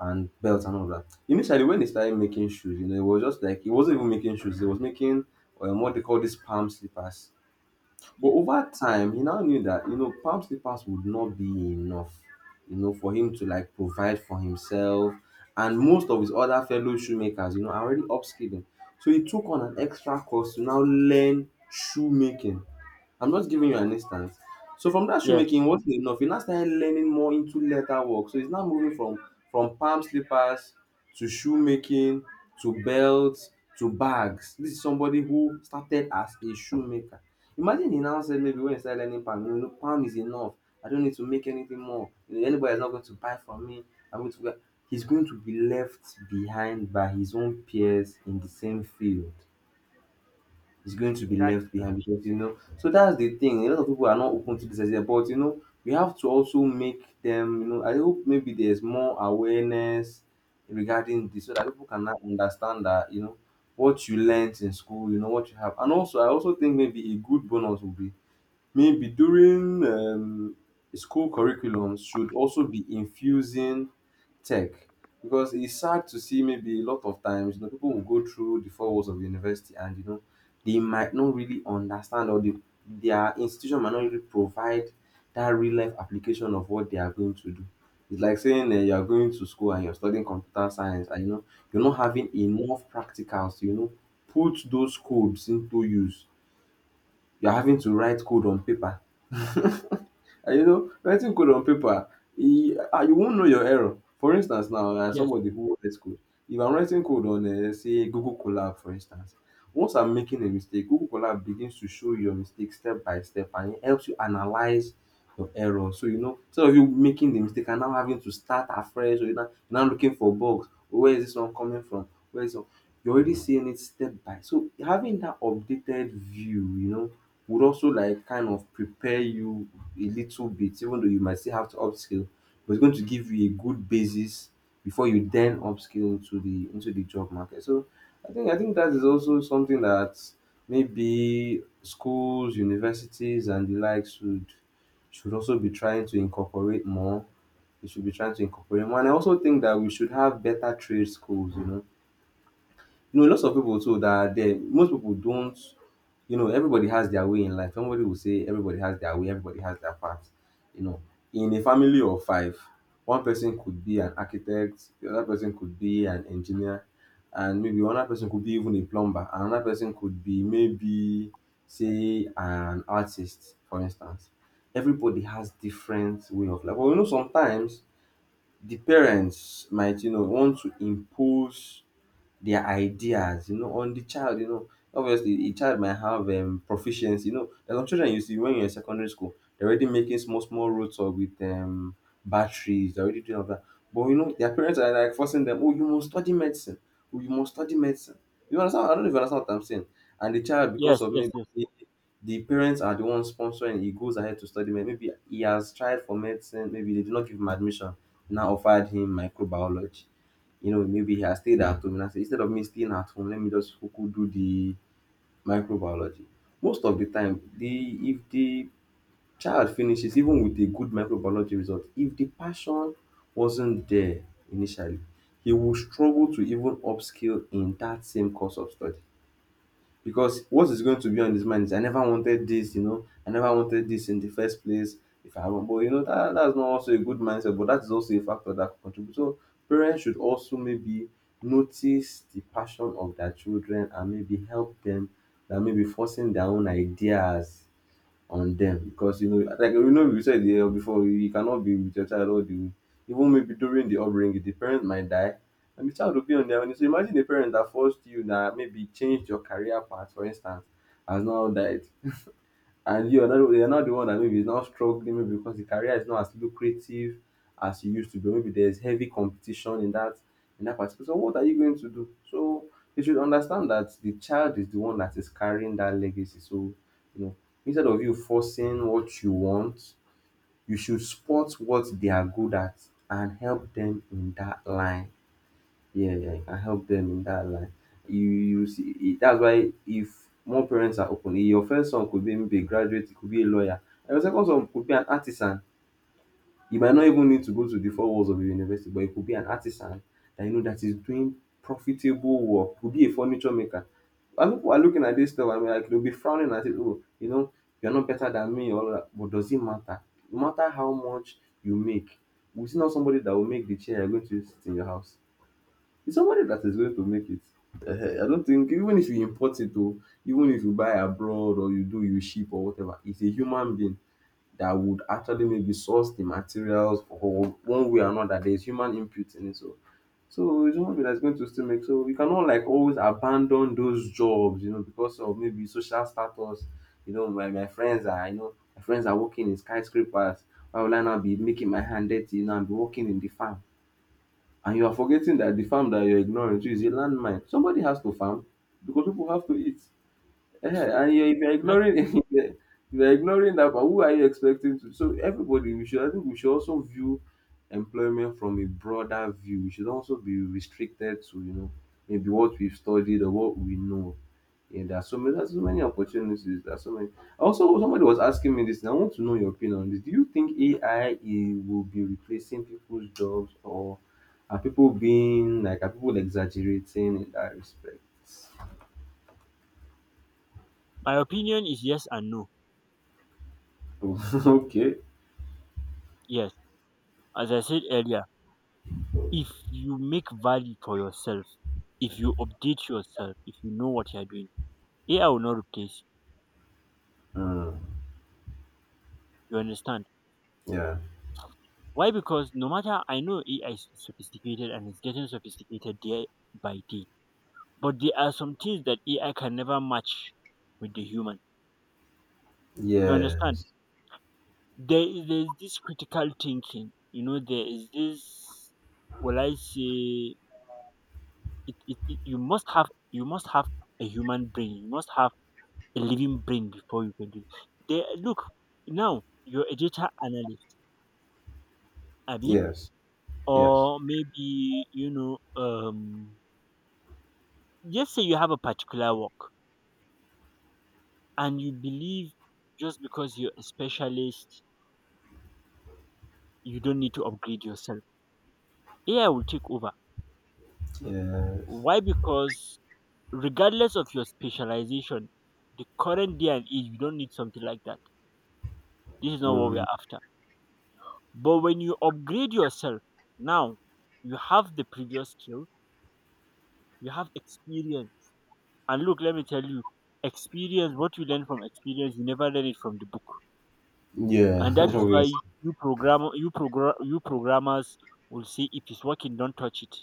[SPEAKER 2] and belts and all that. Initially when he started making shoes, you know, it was just like he wasn't even making shoes, he was making um, what they call these palm slippers. But
[SPEAKER 1] yes,
[SPEAKER 2] over time he now knew that you know palm slippers would not be enough, you know, for him to like provide for himself, and most of his other fellow shoemakers, you know, are already upskilling. So he took on an extra course to now learn shoemaking. I'm just giving you an instance. So from that,
[SPEAKER 1] yes,
[SPEAKER 2] shoemaking wasn't enough. He now started learning more into leather work. So he's now moving from from palm slippers to shoemaking to belts to bags. This is somebody who started as a shoemaker. Imagine he now said maybe when he started learning palm, you know, palm is enough. I don't need to make anything more. You know, anybody is not going to buy from me. I'm going to. He's going to be left behind by his own peers in the same field, is going to be
[SPEAKER 1] exactly.
[SPEAKER 2] left behind, because you know, so that's the thing, a lot of people are not open to this idea, but you know we have to also make them, you know, I hope maybe there's more awareness regarding this, so that people can now understand that you know what you learnt in school, you know what you have. And also I also think maybe a good bonus would be: maybe during um, school curriculums should also be infusing tech, because it's sad to see maybe a lot of times, you know, people will go through the four walls of university, and you know they might not really understand, or the their institution might not really provide that real life application of what they are going to do. It's like saying, uh, you are going to school and you're studying computer science and you know you're not having enough practicals to you know put those codes into use. You're having to write code on paper, and you know, writing code on paper, you, ah, you won't know your error. For instance, now as
[SPEAKER 1] Yes,
[SPEAKER 2] somebody who writes code, if I'm writing code on, uh, let's say, Google Colab, for instance, once I'm making a mistake, Google Colab begins to show you your mistake step by step, and it helps you analyze your error. So you know, instead of you making the mistake and now having to start afresh, or you're now, you're now looking for bugs, or where is this one coming from? Where is it? You're already seeing it step by. So having that updated view, you know, would also like kind of prepare you a little bit, even though you might still have to upskill, but it's going to give you a good basis before you then upskill to the into the job market. So I think I think that is also something that maybe schools, universities, and the likes should should also be trying to incorporate more. We should be trying to incorporate more. And I also think that we should have better trade schools. You know you know, lots of people too that are there, most people don't, you know, everybody has their way in life. Somebody will say everybody has their way, everybody has their part. You know, in a family of five, one person could be an architect, the other person could be an engineer, and maybe another person could be even a plumber, and another person could be maybe, say, an artist, for instance. Everybody has different way of life. Well, you know, sometimes the parents might, you know, want to impose their ideas, you know, on the child, you know. Obviously, a child might have um, proficiency. You know, there's some children you see when you're in secondary school, they're already making small, small roads or with um, batteries, they're already doing all that. But you know, their parents are like forcing them, oh, you must study medicine. Oh, you must study medicine. You understand? I don't know if you understand what I'm saying. And the child, because
[SPEAKER 1] yes,
[SPEAKER 2] of
[SPEAKER 1] yes,
[SPEAKER 2] maybe
[SPEAKER 1] yes.
[SPEAKER 2] the parents are the ones sponsoring, he goes ahead to study medicine. Maybe he has tried for medicine, maybe they did not give him admission, now offered him microbiology. You know, maybe he has stayed at home and I said, instead of me staying at home, let me just cuckoo do the microbiology. Most of the time, the if the child finishes, even with a good microbiology result, if the passion wasn't there initially, he will struggle to even upskill in that same course of study, because what is going to be on his mind is I never wanted this, you know, I never wanted this in the first place. If I haven't, but you know, that, that's not also a good mindset, but that is also a factor that contributes. So parents should also maybe notice the passion of their children and maybe help them than maybe forcing their own ideas on them because you know like you know we said here before, you cannot be with your child all the way, even maybe during the upbringing the parent might die, and the child will be on their own. So imagine a parent that forced you, that maybe changed your career path for instance, has now died, and you are not you're not the one that maybe is now struggling, maybe because the career is not as lucrative as you used to be, maybe there's heavy competition in that in that particular. So what are you going to do? So you should understand that the child is the one that is carrying that legacy. so you know Instead of you forcing what you want, you should spot what they are good at and help them in that line. Yeah, yeah, I help them in that line. You, you see, it, that's why if more parents are open, your first son could be maybe a graduate, it could be a lawyer, and your second son could be an artisan. You might not even need to go to the four walls of the university, but it could be an artisan that you know that is doing profitable work. Could be a furniture maker. And people are looking at this stuff. I mean, like, they'll be frowning at it. Oh, you know, you're not better than me. All that. But does it matter? No matter how much you make, we see not somebody that will make the chair you're going to sit in your house. It's somebody that is going to make it. Ehen, I don't think even if you import it or even if you buy abroad or you do you ship or whatever, it's a human being that would actually maybe source the materials or one way or another. There's human input in it. So so it's human being that's going to still make. So we cannot like always abandon those jobs, you know, because of maybe social status. You know, my, my friends are you know, my friends are working in skyscrapers. Why will I now be making my hand dirty, you know, and be working in the farm? And you are forgetting that the farm that you're ignoring too is a landmine. Somebody has to farm because people have to eat. Yeah, and you're, if you're
[SPEAKER 1] That,
[SPEAKER 2] ignoring if you're if you're ignoring that part, who are you expecting to? So everybody, we should I think we should also view employment from a broader view. We should also be restricted to you know maybe what we've studied or what we know. Yeah, there are so many there's so many opportunities. There are so many. Also, somebody was asking me this, and I want to know your opinion on this. Do you think A I will be replacing people's jobs, or are people being like are people exaggerating in that respect?
[SPEAKER 1] my opinion is yes and no.
[SPEAKER 2] Okay.
[SPEAKER 1] Yes, as I said earlier, if you make value for yourself, if you update yourself, if you know what you are doing, A I will not replace you.
[SPEAKER 2] Hmm.
[SPEAKER 1] You understand?
[SPEAKER 2] Yeah.
[SPEAKER 1] Why? Because no matter, I know A I is sophisticated and it's getting sophisticated day by day, but there are some things that A I can never match with the human. You understand?
[SPEAKER 2] Yes.
[SPEAKER 1] There is there is this critical thinking. You know, there is this. Well, I say it, it, it. You must have you must have a human brain. You must have a living brain before you can do it. There, look now. You're a data analyst, Abby,
[SPEAKER 2] Yes. Yes.
[SPEAKER 1] or maybe you know um just say you have a particular work and you believe just because you're a specialist, you don't need to upgrade yourself. A I will take over.
[SPEAKER 2] Yes.
[SPEAKER 1] Why? Because regardless of your specialization, the current day and age, you don't need something like that. This is not what we
[SPEAKER 2] Mm,
[SPEAKER 1] are after. But when you upgrade yourself, now you have the previous skill, you have experience. And look, let me tell you, experience, what you learn from experience, you never learn it from the book.
[SPEAKER 2] yeah.
[SPEAKER 1] And that is why
[SPEAKER 2] Obvious.
[SPEAKER 1] you program you program you programmers will say, if it's working don't touch it.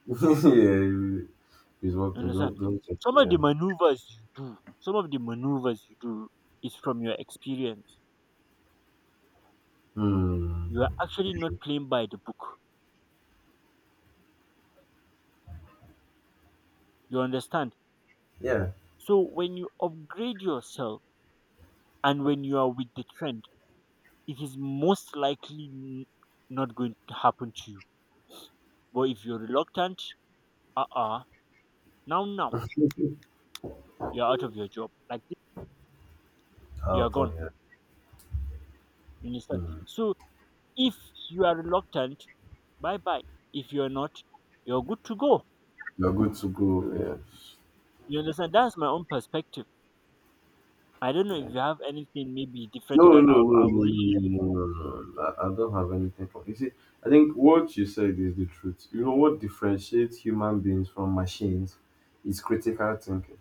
[SPEAKER 2] Yeah. He's
[SPEAKER 1] You
[SPEAKER 2] working.
[SPEAKER 1] understand?
[SPEAKER 2] Don't don't think.
[SPEAKER 1] Some of
[SPEAKER 2] Yeah.
[SPEAKER 1] the maneuvers you do some of the maneuvers you do is from your experience.
[SPEAKER 2] Hmm.
[SPEAKER 1] You are actually not playing by the book. You understand?
[SPEAKER 2] Yeah.
[SPEAKER 1] So when you upgrade yourself, and when you are with the trend, it is most likely n- not going to happen to you. But if you're reluctant, uh-uh now now you're out of your job like this, you're
[SPEAKER 2] Out
[SPEAKER 1] gone.
[SPEAKER 2] of, yeah.
[SPEAKER 1] You understand?
[SPEAKER 2] Mm.
[SPEAKER 1] So if you are reluctant, bye bye. If you're not, you're good to go.
[SPEAKER 2] You're good to go. Yeah.
[SPEAKER 1] You understand? That's my own perspective. I don't know if you have anything maybe different
[SPEAKER 2] No,
[SPEAKER 1] to that. I
[SPEAKER 2] no,
[SPEAKER 1] would,
[SPEAKER 2] no,
[SPEAKER 1] I
[SPEAKER 2] no,
[SPEAKER 1] would
[SPEAKER 2] no,
[SPEAKER 1] really like
[SPEAKER 2] no, no, no,
[SPEAKER 1] to know.
[SPEAKER 2] no, no. I, I don't have anything for you. See, I think what you said is the truth. You know what differentiates human beings from machines is critical thinking.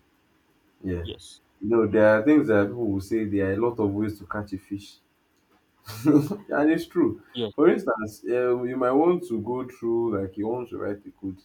[SPEAKER 2] Yeah.
[SPEAKER 1] Yes,
[SPEAKER 2] You know, there are things that people will say, there are a lot of ways to catch a fish. And it's true.
[SPEAKER 1] yes,
[SPEAKER 2] For instance, uh, you might want to go through, like, you want to write a code,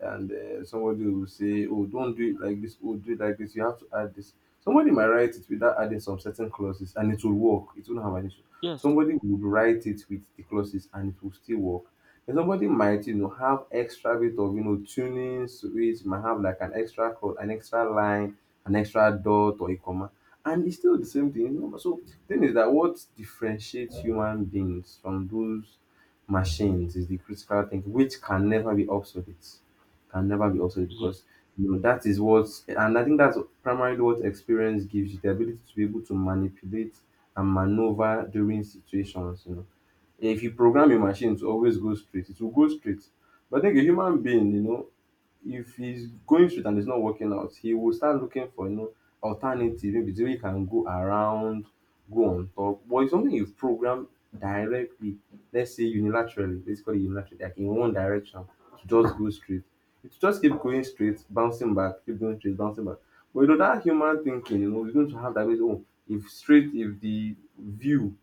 [SPEAKER 2] and uh, somebody will say, "Oh, don't do it like this. Oh, do it like this. You have to add this." Somebody might write it without adding some certain clauses, and it will work. It won't have an issue.
[SPEAKER 1] yes,
[SPEAKER 2] Somebody would write it with the clauses, and it will still work. And somebody might, you know, have extra bit of you know tuning to it. You might have like an extra code, an extra line, an extra dot or a comma, and it's still the same thing. you know. So thing is that what differentiates human beings from those machines is the critical thinking, which can never be obsolete. Can never be obsolete
[SPEAKER 1] yes.
[SPEAKER 2] because you know that is what. And I think that's primarily what experience gives you, the ability to be able to manipulate and maneuver during situations, you know. If you program your machine to always go straight, it will go straight. But I think a human being, you know, if he's going straight and it's not working out, he will start looking for you know alternative, maybe the way he can go around, go on top. But it's something you've programmed directly, let's say unilaterally, let's call it unilaterally, like in one direction, to just go straight. It just keep going straight, bouncing back, keep going straight, bouncing back. But you know that human thinking, you know, we're going to have that way. Oh, if straight, if the view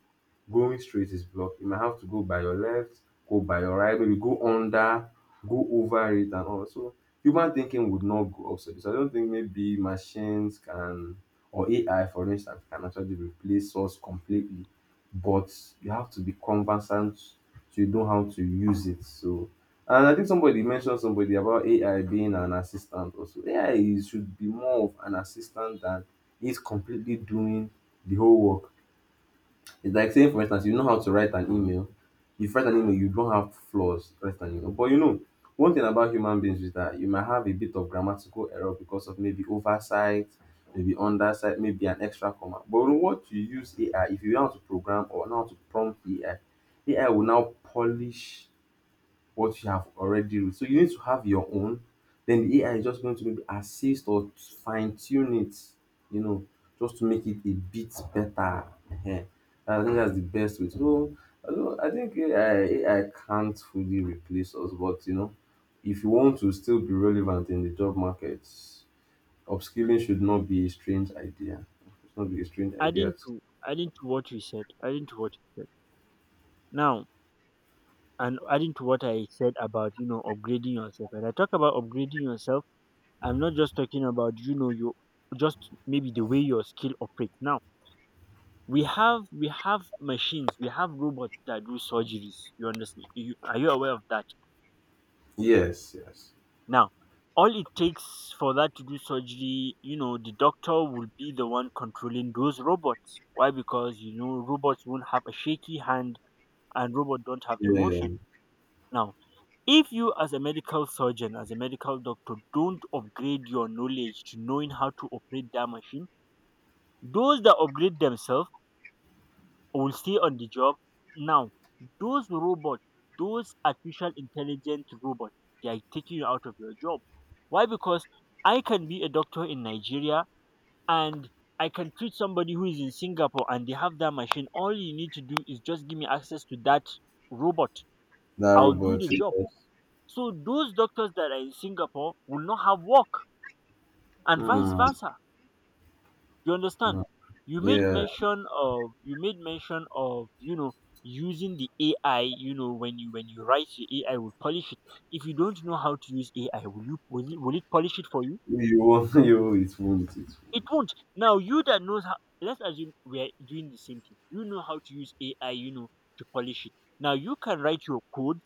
[SPEAKER 2] going straight is blocked. You might have to go by your left, go by your right, maybe go under, go over it and all. So human thinking would not go obsolete. So so I don't think maybe machines can or A I for instance can actually replace us completely. But you have to be conversant to know how to use it. So, and I think somebody mentioned somebody about A I being an assistant also. A I is- should be more of an assistant than is completely doing the whole work. It's like saying, for instance, you know how to write an email. If you write an email, you don't have flaws. Write an email. But you know, one thing about human beings is that you might have a bit of grammatical error because of maybe oversight, maybe undersight, maybe an extra comma. But what you use A I, if you know how to program or know how to prompt A I, A I will now polish what you have already wrote. So you need to have your own. Then the A I is just going to maybe assist or fine tune it, you know, just to make it a bit better. Ehen. I think that's the best way. So I don't- I think A I can't fully replace us, but you know, if you want to still be relevant in the job market, upskilling should not be a strange idea. It's not be a strange idea.
[SPEAKER 1] Adding to adding to what you said, adding to what you said. Now, and adding to what I said about you know upgrading yourself. When I talk about upgrading yourself, I'm not just talking about you know you just maybe the way your skill operates now. We have we have machines, we have robots that do surgeries. You understand? You, are you aware of that?
[SPEAKER 2] Yes, yes.
[SPEAKER 1] Now, all it takes for that to do surgery, you know the doctor will be the one controlling those robots. Why? Because you know robots won't have a shaky hand and robots don't have emotion.
[SPEAKER 2] Yeah,
[SPEAKER 1] Now, if you as a medical surgeon, as a medical doctor, don't upgrade your knowledge to knowing how to operate that machine, those that upgrade themselves will stay on the job. Now, those robots, those artificial intelligent robots, they are taking you out of your job. Why? Because I can be a doctor in Nigeria and I can treat somebody who is in Singapore and they have that machine. All you need to do is just give me access to that robot.
[SPEAKER 2] that
[SPEAKER 1] I'll do
[SPEAKER 2] robot.
[SPEAKER 1] the job.
[SPEAKER 2] Yes.
[SPEAKER 1] So those doctors that are in Singapore will not have work, and vice
[SPEAKER 2] Mm,
[SPEAKER 1] versa. You understand?
[SPEAKER 2] mm,
[SPEAKER 1] You made
[SPEAKER 2] yeah.
[SPEAKER 1] mention of you made mention of you know using the AI. You know when you when you write, your AI will polish it. If you don't know how to use AI, will you will it, will it polish it for you?
[SPEAKER 2] You won't. You it won't. It won't.
[SPEAKER 1] It won't. Now, you that knows how, let's assume we are doing the same thing. You know how to use AI, you know to polish it. Now, you can write your code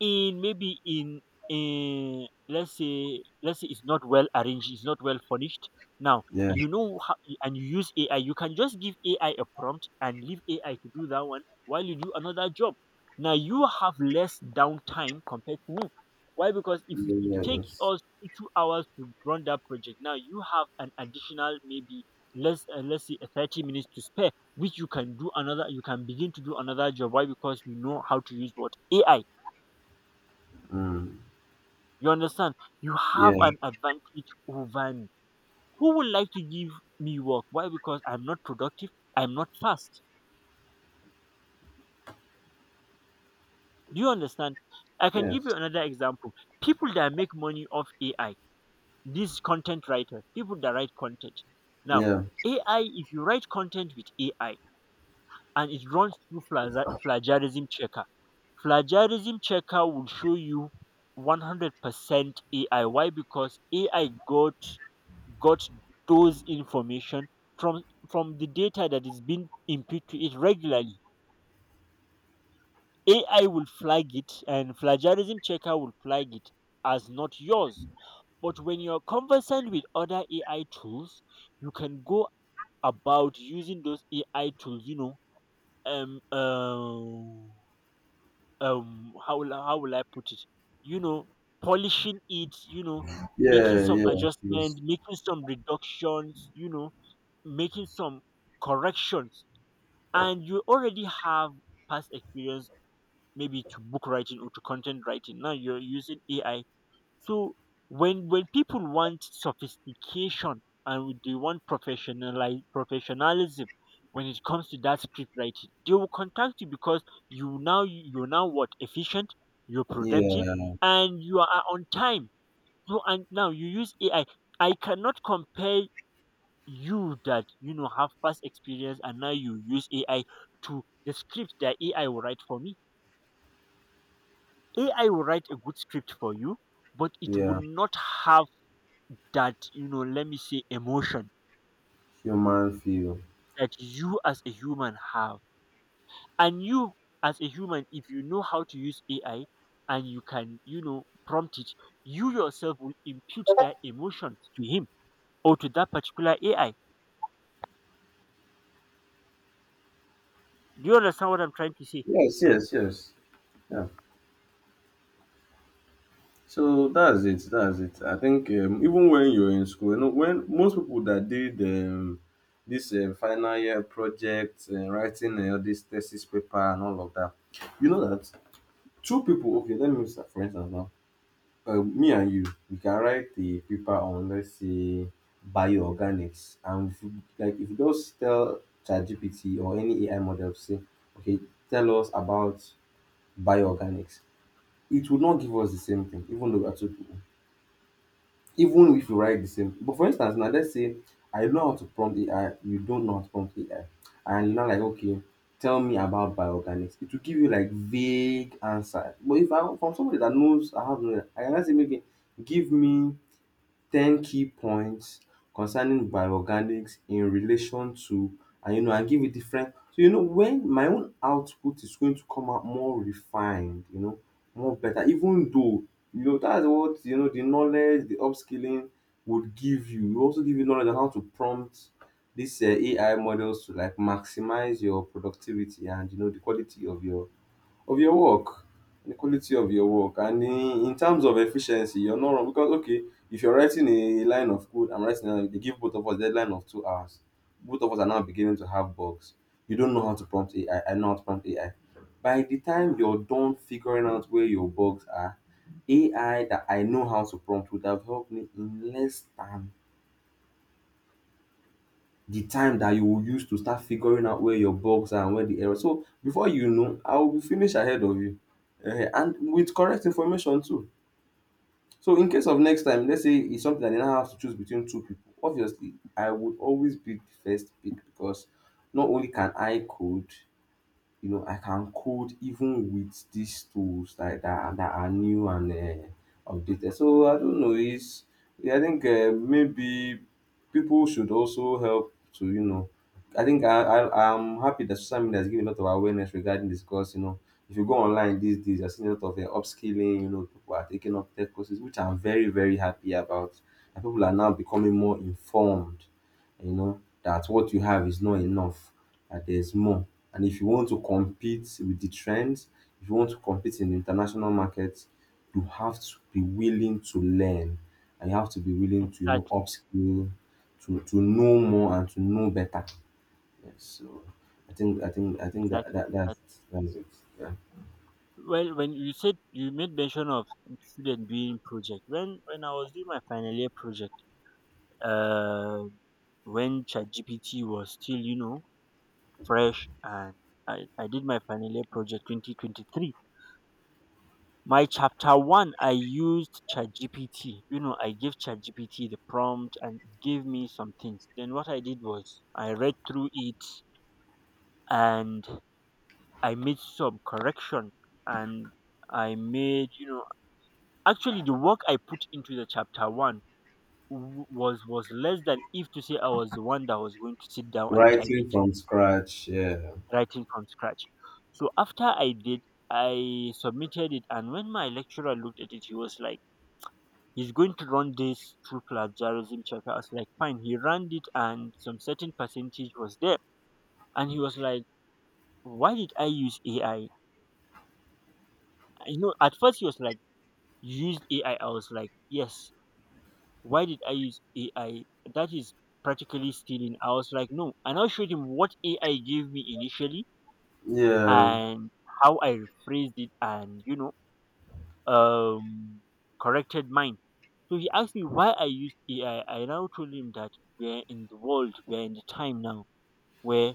[SPEAKER 1] in, maybe in, in let's say, let's say it's not well arranged, it's not well furnished. Now,
[SPEAKER 2] Yeah.
[SPEAKER 1] you know how, and you use AI. You can just give AI a prompt and leave AI to do that one while you do another job. Now, you have less downtime compared to me. Why? Because if it will
[SPEAKER 2] Yeah,
[SPEAKER 1] take
[SPEAKER 2] yes.
[SPEAKER 1] us two two hours to run that project, now you have an additional, maybe less, uh, let's say, uh, thirty minutes to spare, which you can do another, you can begin to do another job. Why? Because you know how to use what? AI.
[SPEAKER 2] Mm.
[SPEAKER 1] You understand? You have
[SPEAKER 2] Yeah.
[SPEAKER 1] an advantage over me. Who would like to give me work? Why? Because I'm not productive. I'm not fast. Do you understand? I can give you
[SPEAKER 2] Yes.
[SPEAKER 1] another example. People that make money off A I, these content writers, people that write content. Now,
[SPEAKER 2] Yeah.
[SPEAKER 1] A I, if you write content with A I and it runs through plaza- plagiarism checker, plagiarism checker will show you one hundred percent A I. Why? Because A I got got those information from from the data that is being input to it regularly. A I will flag it, and plagiarism checker will flag it as not yours. But when you're conversant with other A I tools, you can go about using those A I tools, you know, um um um how will I- how will I put it? You know, polishing it, you know, making
[SPEAKER 2] Yeah.
[SPEAKER 1] some
[SPEAKER 2] Yes. Yes.
[SPEAKER 1] adjustment, making some reductions, you know, making some corrections. And you already have past experience, maybe to book writing or to content writing, now you're using AI. So when, when people want sophistication, and when they want professionalize professionalism when it comes to that script writing, they will contact you. Because you, now you're now, what, efficient, you're productive,
[SPEAKER 2] Yeah.
[SPEAKER 1] and you are on time. So, and now you use AI. I cannot compare you, that you know, have past experience and now you use A I, to the script that A I will write for me. A I will write a good script for you, but it will
[SPEAKER 2] Yeah.
[SPEAKER 1] not have that, you know, let me say, emotion
[SPEAKER 2] Human feel.
[SPEAKER 1] that you as a human have. And you, as a human, if you know how to use A I and you can, you know, prompt it, you yourself will impute that emotion to him, or to that particular A I. Do you understand what I'm trying to say?
[SPEAKER 2] Yes. Yes. Yes. Yeah. So that's it. That's it. I think um, even when you're in school, you know, when most people that did um, this uh, final year project, uh, writing uh, this thesis paper and all of that, you know that two people. Okay, let me start for instance now. Uh, me and you, we can write the paper on, let's say, bioorganics, and if you, like if you just tell ChatGPT or any A I model, say, okay, tell us about bioorganics, it would not give us the same thing, even though we are two people. Even if you write the same. But for instance, now let's say I know how to prompt A I, you don't know how to prompt A I, and you're not like okay. Tell me about bioorganics. It will give you like vague answer. But if I, from somebody that knows I have, no, I can just say, maybe give me ten key points concerning bioorganics in relation to, and you know, and give you different, so you know when my own output is going to come out more refined, you know, more better, even though you know that's what, you know, the knowledge, the upskilling would give you. It also give you knowledge on how to prompt these um A I models to like maximize your productivity and you know the quality of your of your work, the quality of your work. And in in terms of efficiency, you're not wrong because okay, if you're writing a line of code, I'm writing another, they give both of us deadline of two hours. Both of us are now beginning to have bugs. You don't know how to prompt A I. I I know how to prompt A I. By the time you're done figuring out where your bugs are, A I that I know how to prompt would have helped me in less than the time that you will use to start figuring out where your bugs are and where the error. So before you know, I will be finish ahead of you. Ehen, and with correct information too. So in case of next time, let's say it's something that they now have to choose between two people. Obviously, I would always be the first pick because not only can I code, you know, I can code even with these tools like that are- that are new and uh, updated. So I don't know. It's yeah, I think uh, maybe people should also help to you know. I think I, I I'm happy that social media is giving a lot of awareness regarding this because you know if you go online these days, you're seeing a lot of uh, upskilling. You know, people are taking up tech courses, which I'm very very happy about. And people are now becoming more informed. You know that what you have is not enough, that there's more. And if you want to compete with the trends, if you want to compete in the international markets, you have to be willing to learn, and you have to be willing
[SPEAKER 1] Exactly.
[SPEAKER 2] to, you know,
[SPEAKER 1] Exactly.
[SPEAKER 2] upskill, to to know more and to know better. Yes. So I think I think I think that, that that's
[SPEAKER 1] Exactly.
[SPEAKER 2] that's it. Yeah.
[SPEAKER 1] Well, when you said you made mention of student doing project, when when I was doing my final year project, uh, when ChatGPT was still, you know fresh, and I, I did my final year project twenty twenty three. My chapter one, I used ChatGPT. You know, I gave ChatGPT the prompt and it gave me some things. Then what I did was I read through it, and I made some correction, and I made, you know actually, the work I put into the chapter one w- was was less than if to say I was the one that was going to sit down and type
[SPEAKER 2] Writing
[SPEAKER 1] it,
[SPEAKER 2] from scratch, yeah.
[SPEAKER 1] writing from scratch. So after I did, I submitted it, and when my lecturer looked at it, he was like, "He's going to run this through plagiarism checker." I was like, "Fine." He ran it, and some certain percentage was there, and he was like, "Why did I use A I?" You know, at first he was like, "You," "Used A I." I I was like, "Yes." Why did I use A I? That is practically stealing. I was like, "No." And I showed him what A I gave me initially,
[SPEAKER 2] Yeah.
[SPEAKER 1] and how I rephrased it, and, you know, um, corrected mine. So he asked me why I used A I. I I now told him that we're in the world, we're in the time now where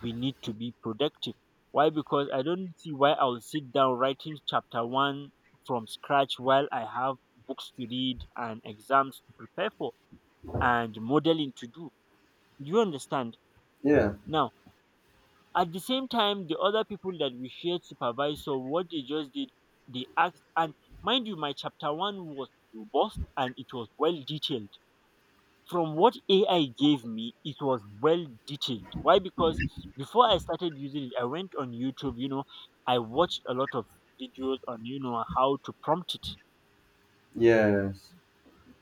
[SPEAKER 1] we need to be productive. Why? Because I don't see why I'll sit down writing chapter one from scratch while I have books to read and exams to prepare for and modeling to do. Do you understand?
[SPEAKER 2] Yeah.
[SPEAKER 1] Now, at the same time, the other people that we shared supervisor, what they just did, they asked. And mind you, my chapter one was robust and it was well detailed. From what A I gave me, it was well detailed. Why? Because before I started using it, I went on YouTube, you know, I watched a lot of videos on, you know, how to prompt it.
[SPEAKER 2] Yes.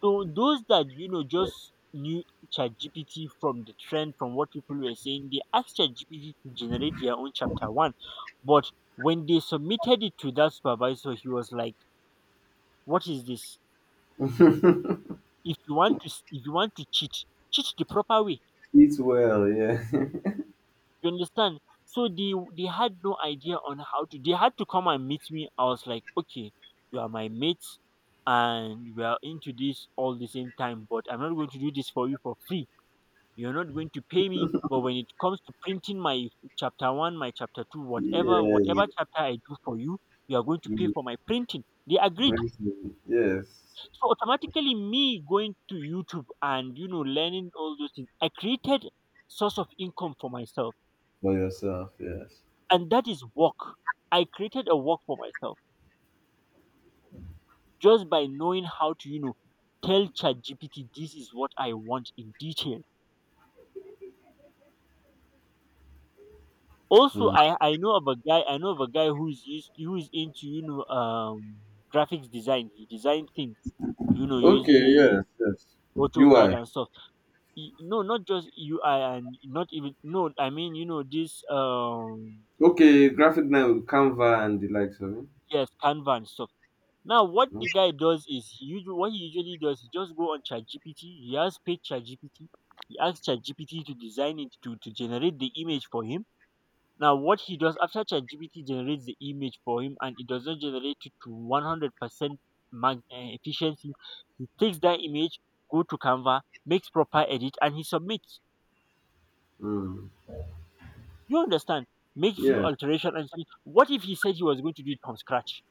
[SPEAKER 1] So those that you know just knew ChatGPT from the trend, from what people were saying, they asked ChatGPT to generate their own chapter one. But when they submitted it to that supervisor, he was like, "What is this? If you want to, s- if you want to cheat, cheat the proper way.
[SPEAKER 2] Eat well, yeah.
[SPEAKER 1] You understand?" So they they had no idea on how to. They had to come and meet me. I was like, "Okay, you are my mate, and we are into this all the same time, but I'm not going to do this for you for free. You're not going to pay me, but when it comes to printing my chapter one, my chapter two, whatever,
[SPEAKER 2] Yeah.
[SPEAKER 1] whatever chapter I do for you, you are going to pay
[SPEAKER 2] You
[SPEAKER 1] for my printing." They agreed.
[SPEAKER 2] bring, yes.
[SPEAKER 1] So automatically, me going to YouTube and you know learning all those things, I created source of income for myself,
[SPEAKER 2] For yourself, yes.
[SPEAKER 1] and that is work. I created a work for myself just by knowing how to, you know tell ChatGPT this is what I want in detail. Also,
[SPEAKER 2] Hmm.
[SPEAKER 1] I I know of a guy, I know of a guy who's used who's into, you know um graphics design. He designed things, you know,
[SPEAKER 2] Okay,
[SPEAKER 1] using
[SPEAKER 2] yes, yes.
[SPEAKER 1] AutoCAD
[SPEAKER 2] U I.
[SPEAKER 1] and stuff. Y- No, not just U I, and not even, no, I mean, you know, this, um,
[SPEAKER 2] Okay, graphic now, Canva and the likes of it.
[SPEAKER 1] yes, Canva and stuff. Now, what
[SPEAKER 2] No?
[SPEAKER 1] the guy does is, he usually, what he usually does he just go on ChatGPT. He has paid ChatGPT. He asks ChatGPT to design it, to to generate the image for him. Now, what he does after ChatGPT generates the image for him, and it does not generate it to one hundred percent mag- eh, efficiency, he takes that image, go to Canva, makes proper edit, and he submits.
[SPEAKER 2] Mm.
[SPEAKER 1] You understand? Make few
[SPEAKER 2] Yeah.
[SPEAKER 1] alteration and submit. What if he said he was going to do it from scratch?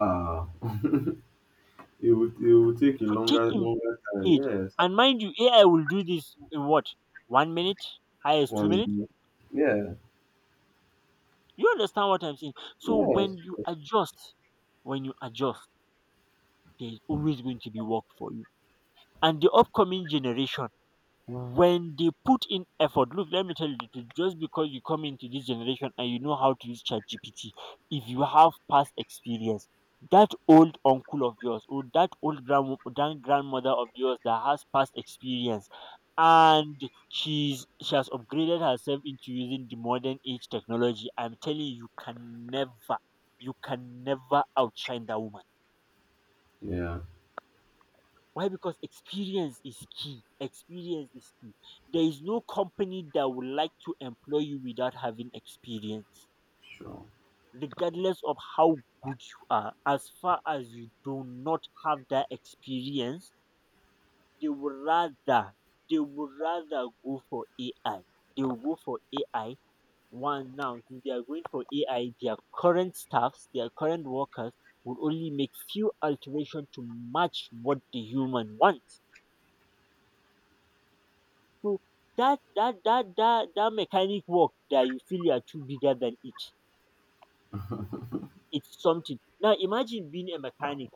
[SPEAKER 2] Uh, it would it would take a
[SPEAKER 1] It would take
[SPEAKER 2] longer
[SPEAKER 1] him
[SPEAKER 2] longer time,
[SPEAKER 1] age.
[SPEAKER 2] yes.
[SPEAKER 1] And mind you, A I will do this in what? One minute? Highest two minutes?
[SPEAKER 2] One, yeah.
[SPEAKER 1] You understand what I'm saying? So
[SPEAKER 2] Yes.
[SPEAKER 1] when you
[SPEAKER 2] Yes.
[SPEAKER 1] adjust, when you adjust, there's always going to be work for you. And the upcoming generation, when they put in effort, look, let me tell you the truth. Just because you come into this generation and you know how to use chat G P T, if you have past experience, that old uncle of yours, or that old grand, grand grandmother of yours that has past experience, and she's she has upgraded herself into using the modern age technology, I'm telling you, you can never, you can never outshine that woman.
[SPEAKER 2] Yeah,
[SPEAKER 1] Why? Because experience is key. Experience is key. There is no company that would like to employ you without having experience,
[SPEAKER 2] sure.
[SPEAKER 1] regardless of how good you are. As far as you do not have that experience, they would rather they would rather go for A I. They will go for A I. One now, since they are going for A I, their current staffs, their current workers would only make few alterations to match what the human wants. So that that that that that mechanic work that you feel you are too bigger than it, it's something. Now imagine being a mechanic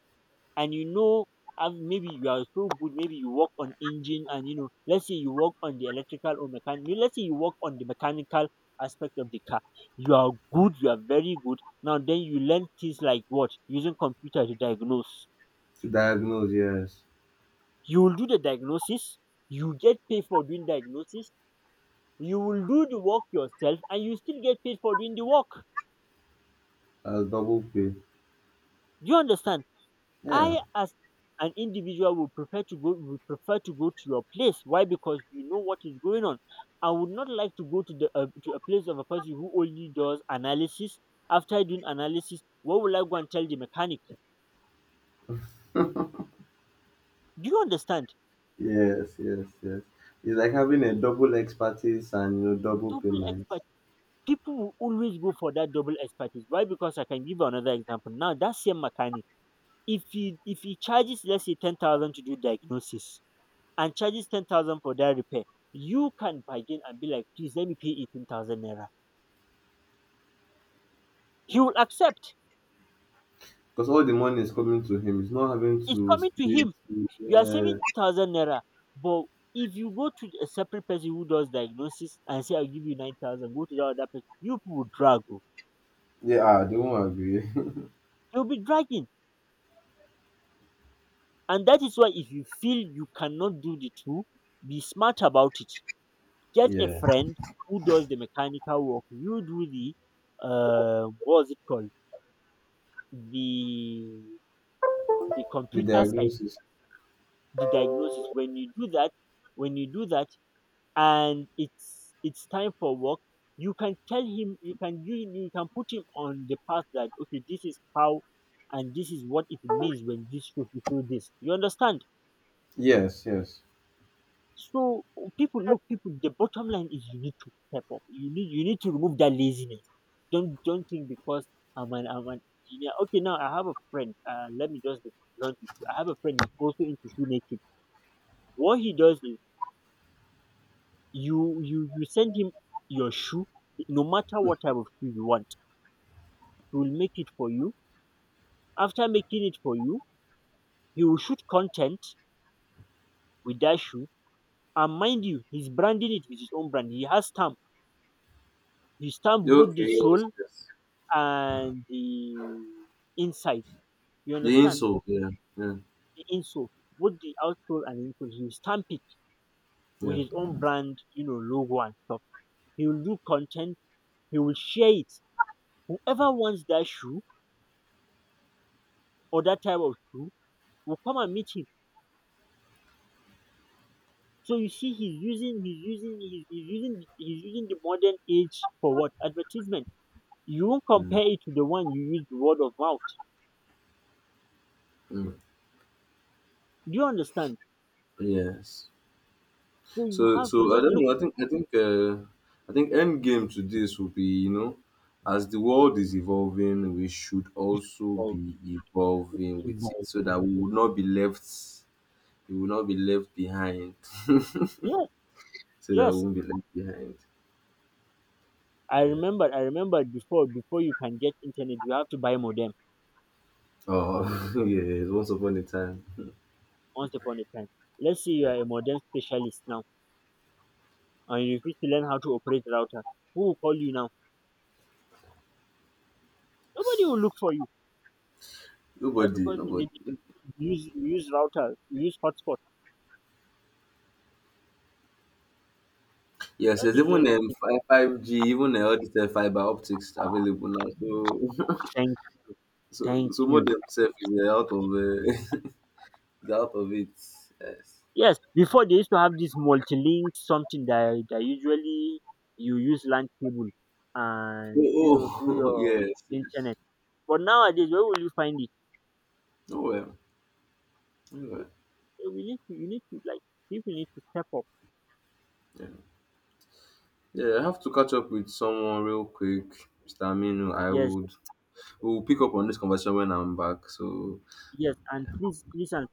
[SPEAKER 1] and you know and maybe you are so good, maybe you work on engine and you know, let's say you work on the electrical or mechanical, let's say you work on the mechanical aspect of the car. You are good, you are very good. Now then you learn things like what? Using computer to diagnose.
[SPEAKER 2] To diagnose, yes.
[SPEAKER 1] You will do the diagnosis, you get paid for doing diagnosis. You will do the work yourself and you still get paid for doing the work.
[SPEAKER 2] As double pay.
[SPEAKER 1] Do you understand?
[SPEAKER 2] Yeah.
[SPEAKER 1] I as an individual would prefer to go, would prefer to go to your place. Why? Because you know what is going on. I would not like to go to the uh, to a place of a person who only does analysis. After doing analysis, what will I go and tell the mechanic? Do you understand?
[SPEAKER 2] Yes, yes, yes. It's like having a double expertise and, you know, double
[SPEAKER 1] Double
[SPEAKER 2] payment.
[SPEAKER 1] expertise. People will always go for that double expertise. Why? Because I can give you another example. Now that same mechanic, if he if he charges, let's say, ten thousand to do diagnosis, and charges ten thousand for that repair, you can bargain and be like, please let me pay eighteen thousand naira. He will accept.
[SPEAKER 2] Because all the money is coming to him. He's not having
[SPEAKER 1] It's
[SPEAKER 2] to
[SPEAKER 1] coming to
[SPEAKER 2] split.
[SPEAKER 1] him. You are
[SPEAKER 2] Yeah,
[SPEAKER 1] saving two thousand naira. But if you go to a separate person who does diagnosis and say, I'll give you nine thousand, go to the other person, you people will drag. Oh.
[SPEAKER 2] yeah, ah, they won't agree.
[SPEAKER 1] You'll be dragging. And that is why if you feel you cannot do the two, be smart about it. Get a
[SPEAKER 2] Yeah.
[SPEAKER 1] friend who does the mechanical work. You do the, uh, what's it called? The the
[SPEAKER 2] The
[SPEAKER 1] computer side,
[SPEAKER 2] diagnosis.
[SPEAKER 1] the diagnosis. When you do that, when you do that, and it's it's time for work, you can tell him, you can, you you can put him on the path that, okay, this is how, and this is what it means when this should do this. You understand?
[SPEAKER 2] Yes, yes.
[SPEAKER 1] So people, look, people. The bottom line is you need to step up. You need you need to remove that laziness. Don't don't think because I'm an I'm an engineer. Okay, now I have a friend. Uh, let me just be blunt with you. I have a friend who's also into shoemaking. What he does is, You you you send him your shoe, no matter what type of shoe you want, he will make it for you. After making it for you, he will shoot content with that shoe. And mind you, he's branding it with his own brand. He has stamp. He stamped both
[SPEAKER 2] Okay,
[SPEAKER 1] the
[SPEAKER 2] yes,
[SPEAKER 1] sole
[SPEAKER 2] yes.
[SPEAKER 1] and the inside. You
[SPEAKER 2] The
[SPEAKER 1] understand?
[SPEAKER 2] insult, yeah, yeah,
[SPEAKER 1] The insole, both the outsole and insole. He will stamp it
[SPEAKER 2] yeah,
[SPEAKER 1] with his own brand, you know, logo and stuff. He will do content. He will share it. Whoever wants that shoe or that type of shoe will come and meet him. So you see, he's using, he's using, he's, he's using, he's using the modern age for what? Advertisement. You won't
[SPEAKER 2] mm,
[SPEAKER 1] compare it to the one you use the word of mouth.
[SPEAKER 2] mm,
[SPEAKER 1] Do you understand?
[SPEAKER 2] yes.
[SPEAKER 1] So you
[SPEAKER 2] So,
[SPEAKER 1] have,
[SPEAKER 2] so
[SPEAKER 1] you
[SPEAKER 2] I
[SPEAKER 1] just
[SPEAKER 2] don't
[SPEAKER 1] look.
[SPEAKER 2] know. I think, I think, uh, I think end game to this will be, you know, as the world is evolving, we should
[SPEAKER 1] You should
[SPEAKER 2] also
[SPEAKER 1] evolve,
[SPEAKER 2] be evolving with it,
[SPEAKER 1] evolve.
[SPEAKER 2] so that we will not be left, we will not be left behind, so
[SPEAKER 1] Yes,
[SPEAKER 2] that we
[SPEAKER 1] yes.
[SPEAKER 2] won't be left behind.
[SPEAKER 1] I
[SPEAKER 2] Yeah.
[SPEAKER 1] remember, I remember before, before you can get internet, you have to buy modem.
[SPEAKER 2] Oh, yeah. Once upon a time,
[SPEAKER 1] Once upon a time, let's say you
[SPEAKER 2] yeah.
[SPEAKER 1] are a modem specialist now, and you need to learn how to operate router. Who will call you now? Nobody will look for you. Why?
[SPEAKER 2] Nobody,
[SPEAKER 1] Because in
[SPEAKER 2] nobody.
[SPEAKER 1] the you use you use router, you use hotspot. So
[SPEAKER 2] Yes,
[SPEAKER 1] that
[SPEAKER 2] there's
[SPEAKER 1] is
[SPEAKER 2] even um,
[SPEAKER 1] just,
[SPEAKER 2] fi- five G, even uh, all these uh, fiber optics available now. So,
[SPEAKER 1] thank you.
[SPEAKER 2] so,
[SPEAKER 1] Thank
[SPEAKER 2] so
[SPEAKER 1] you.
[SPEAKER 2] modem self is uh, out of uh, is out of it. Yes.
[SPEAKER 1] Yes, before they used to have this multi-link something that, that usually you use L A N cable and you know
[SPEAKER 2] Oh,
[SPEAKER 1] do
[SPEAKER 2] oh,
[SPEAKER 1] your
[SPEAKER 2] yes. Yes.
[SPEAKER 1] internet. But nowadays, where will you find it?
[SPEAKER 2] Oh well. Oh, well.
[SPEAKER 1] We need to, you need to like, people need to step up.
[SPEAKER 2] Yeah. Yeah, I have to catch up with someone real quick, Mister Aminu. I
[SPEAKER 1] Yes,
[SPEAKER 2] would. We'll pick up on this conversation when I'm back. So
[SPEAKER 1] yes, and please, please, and please.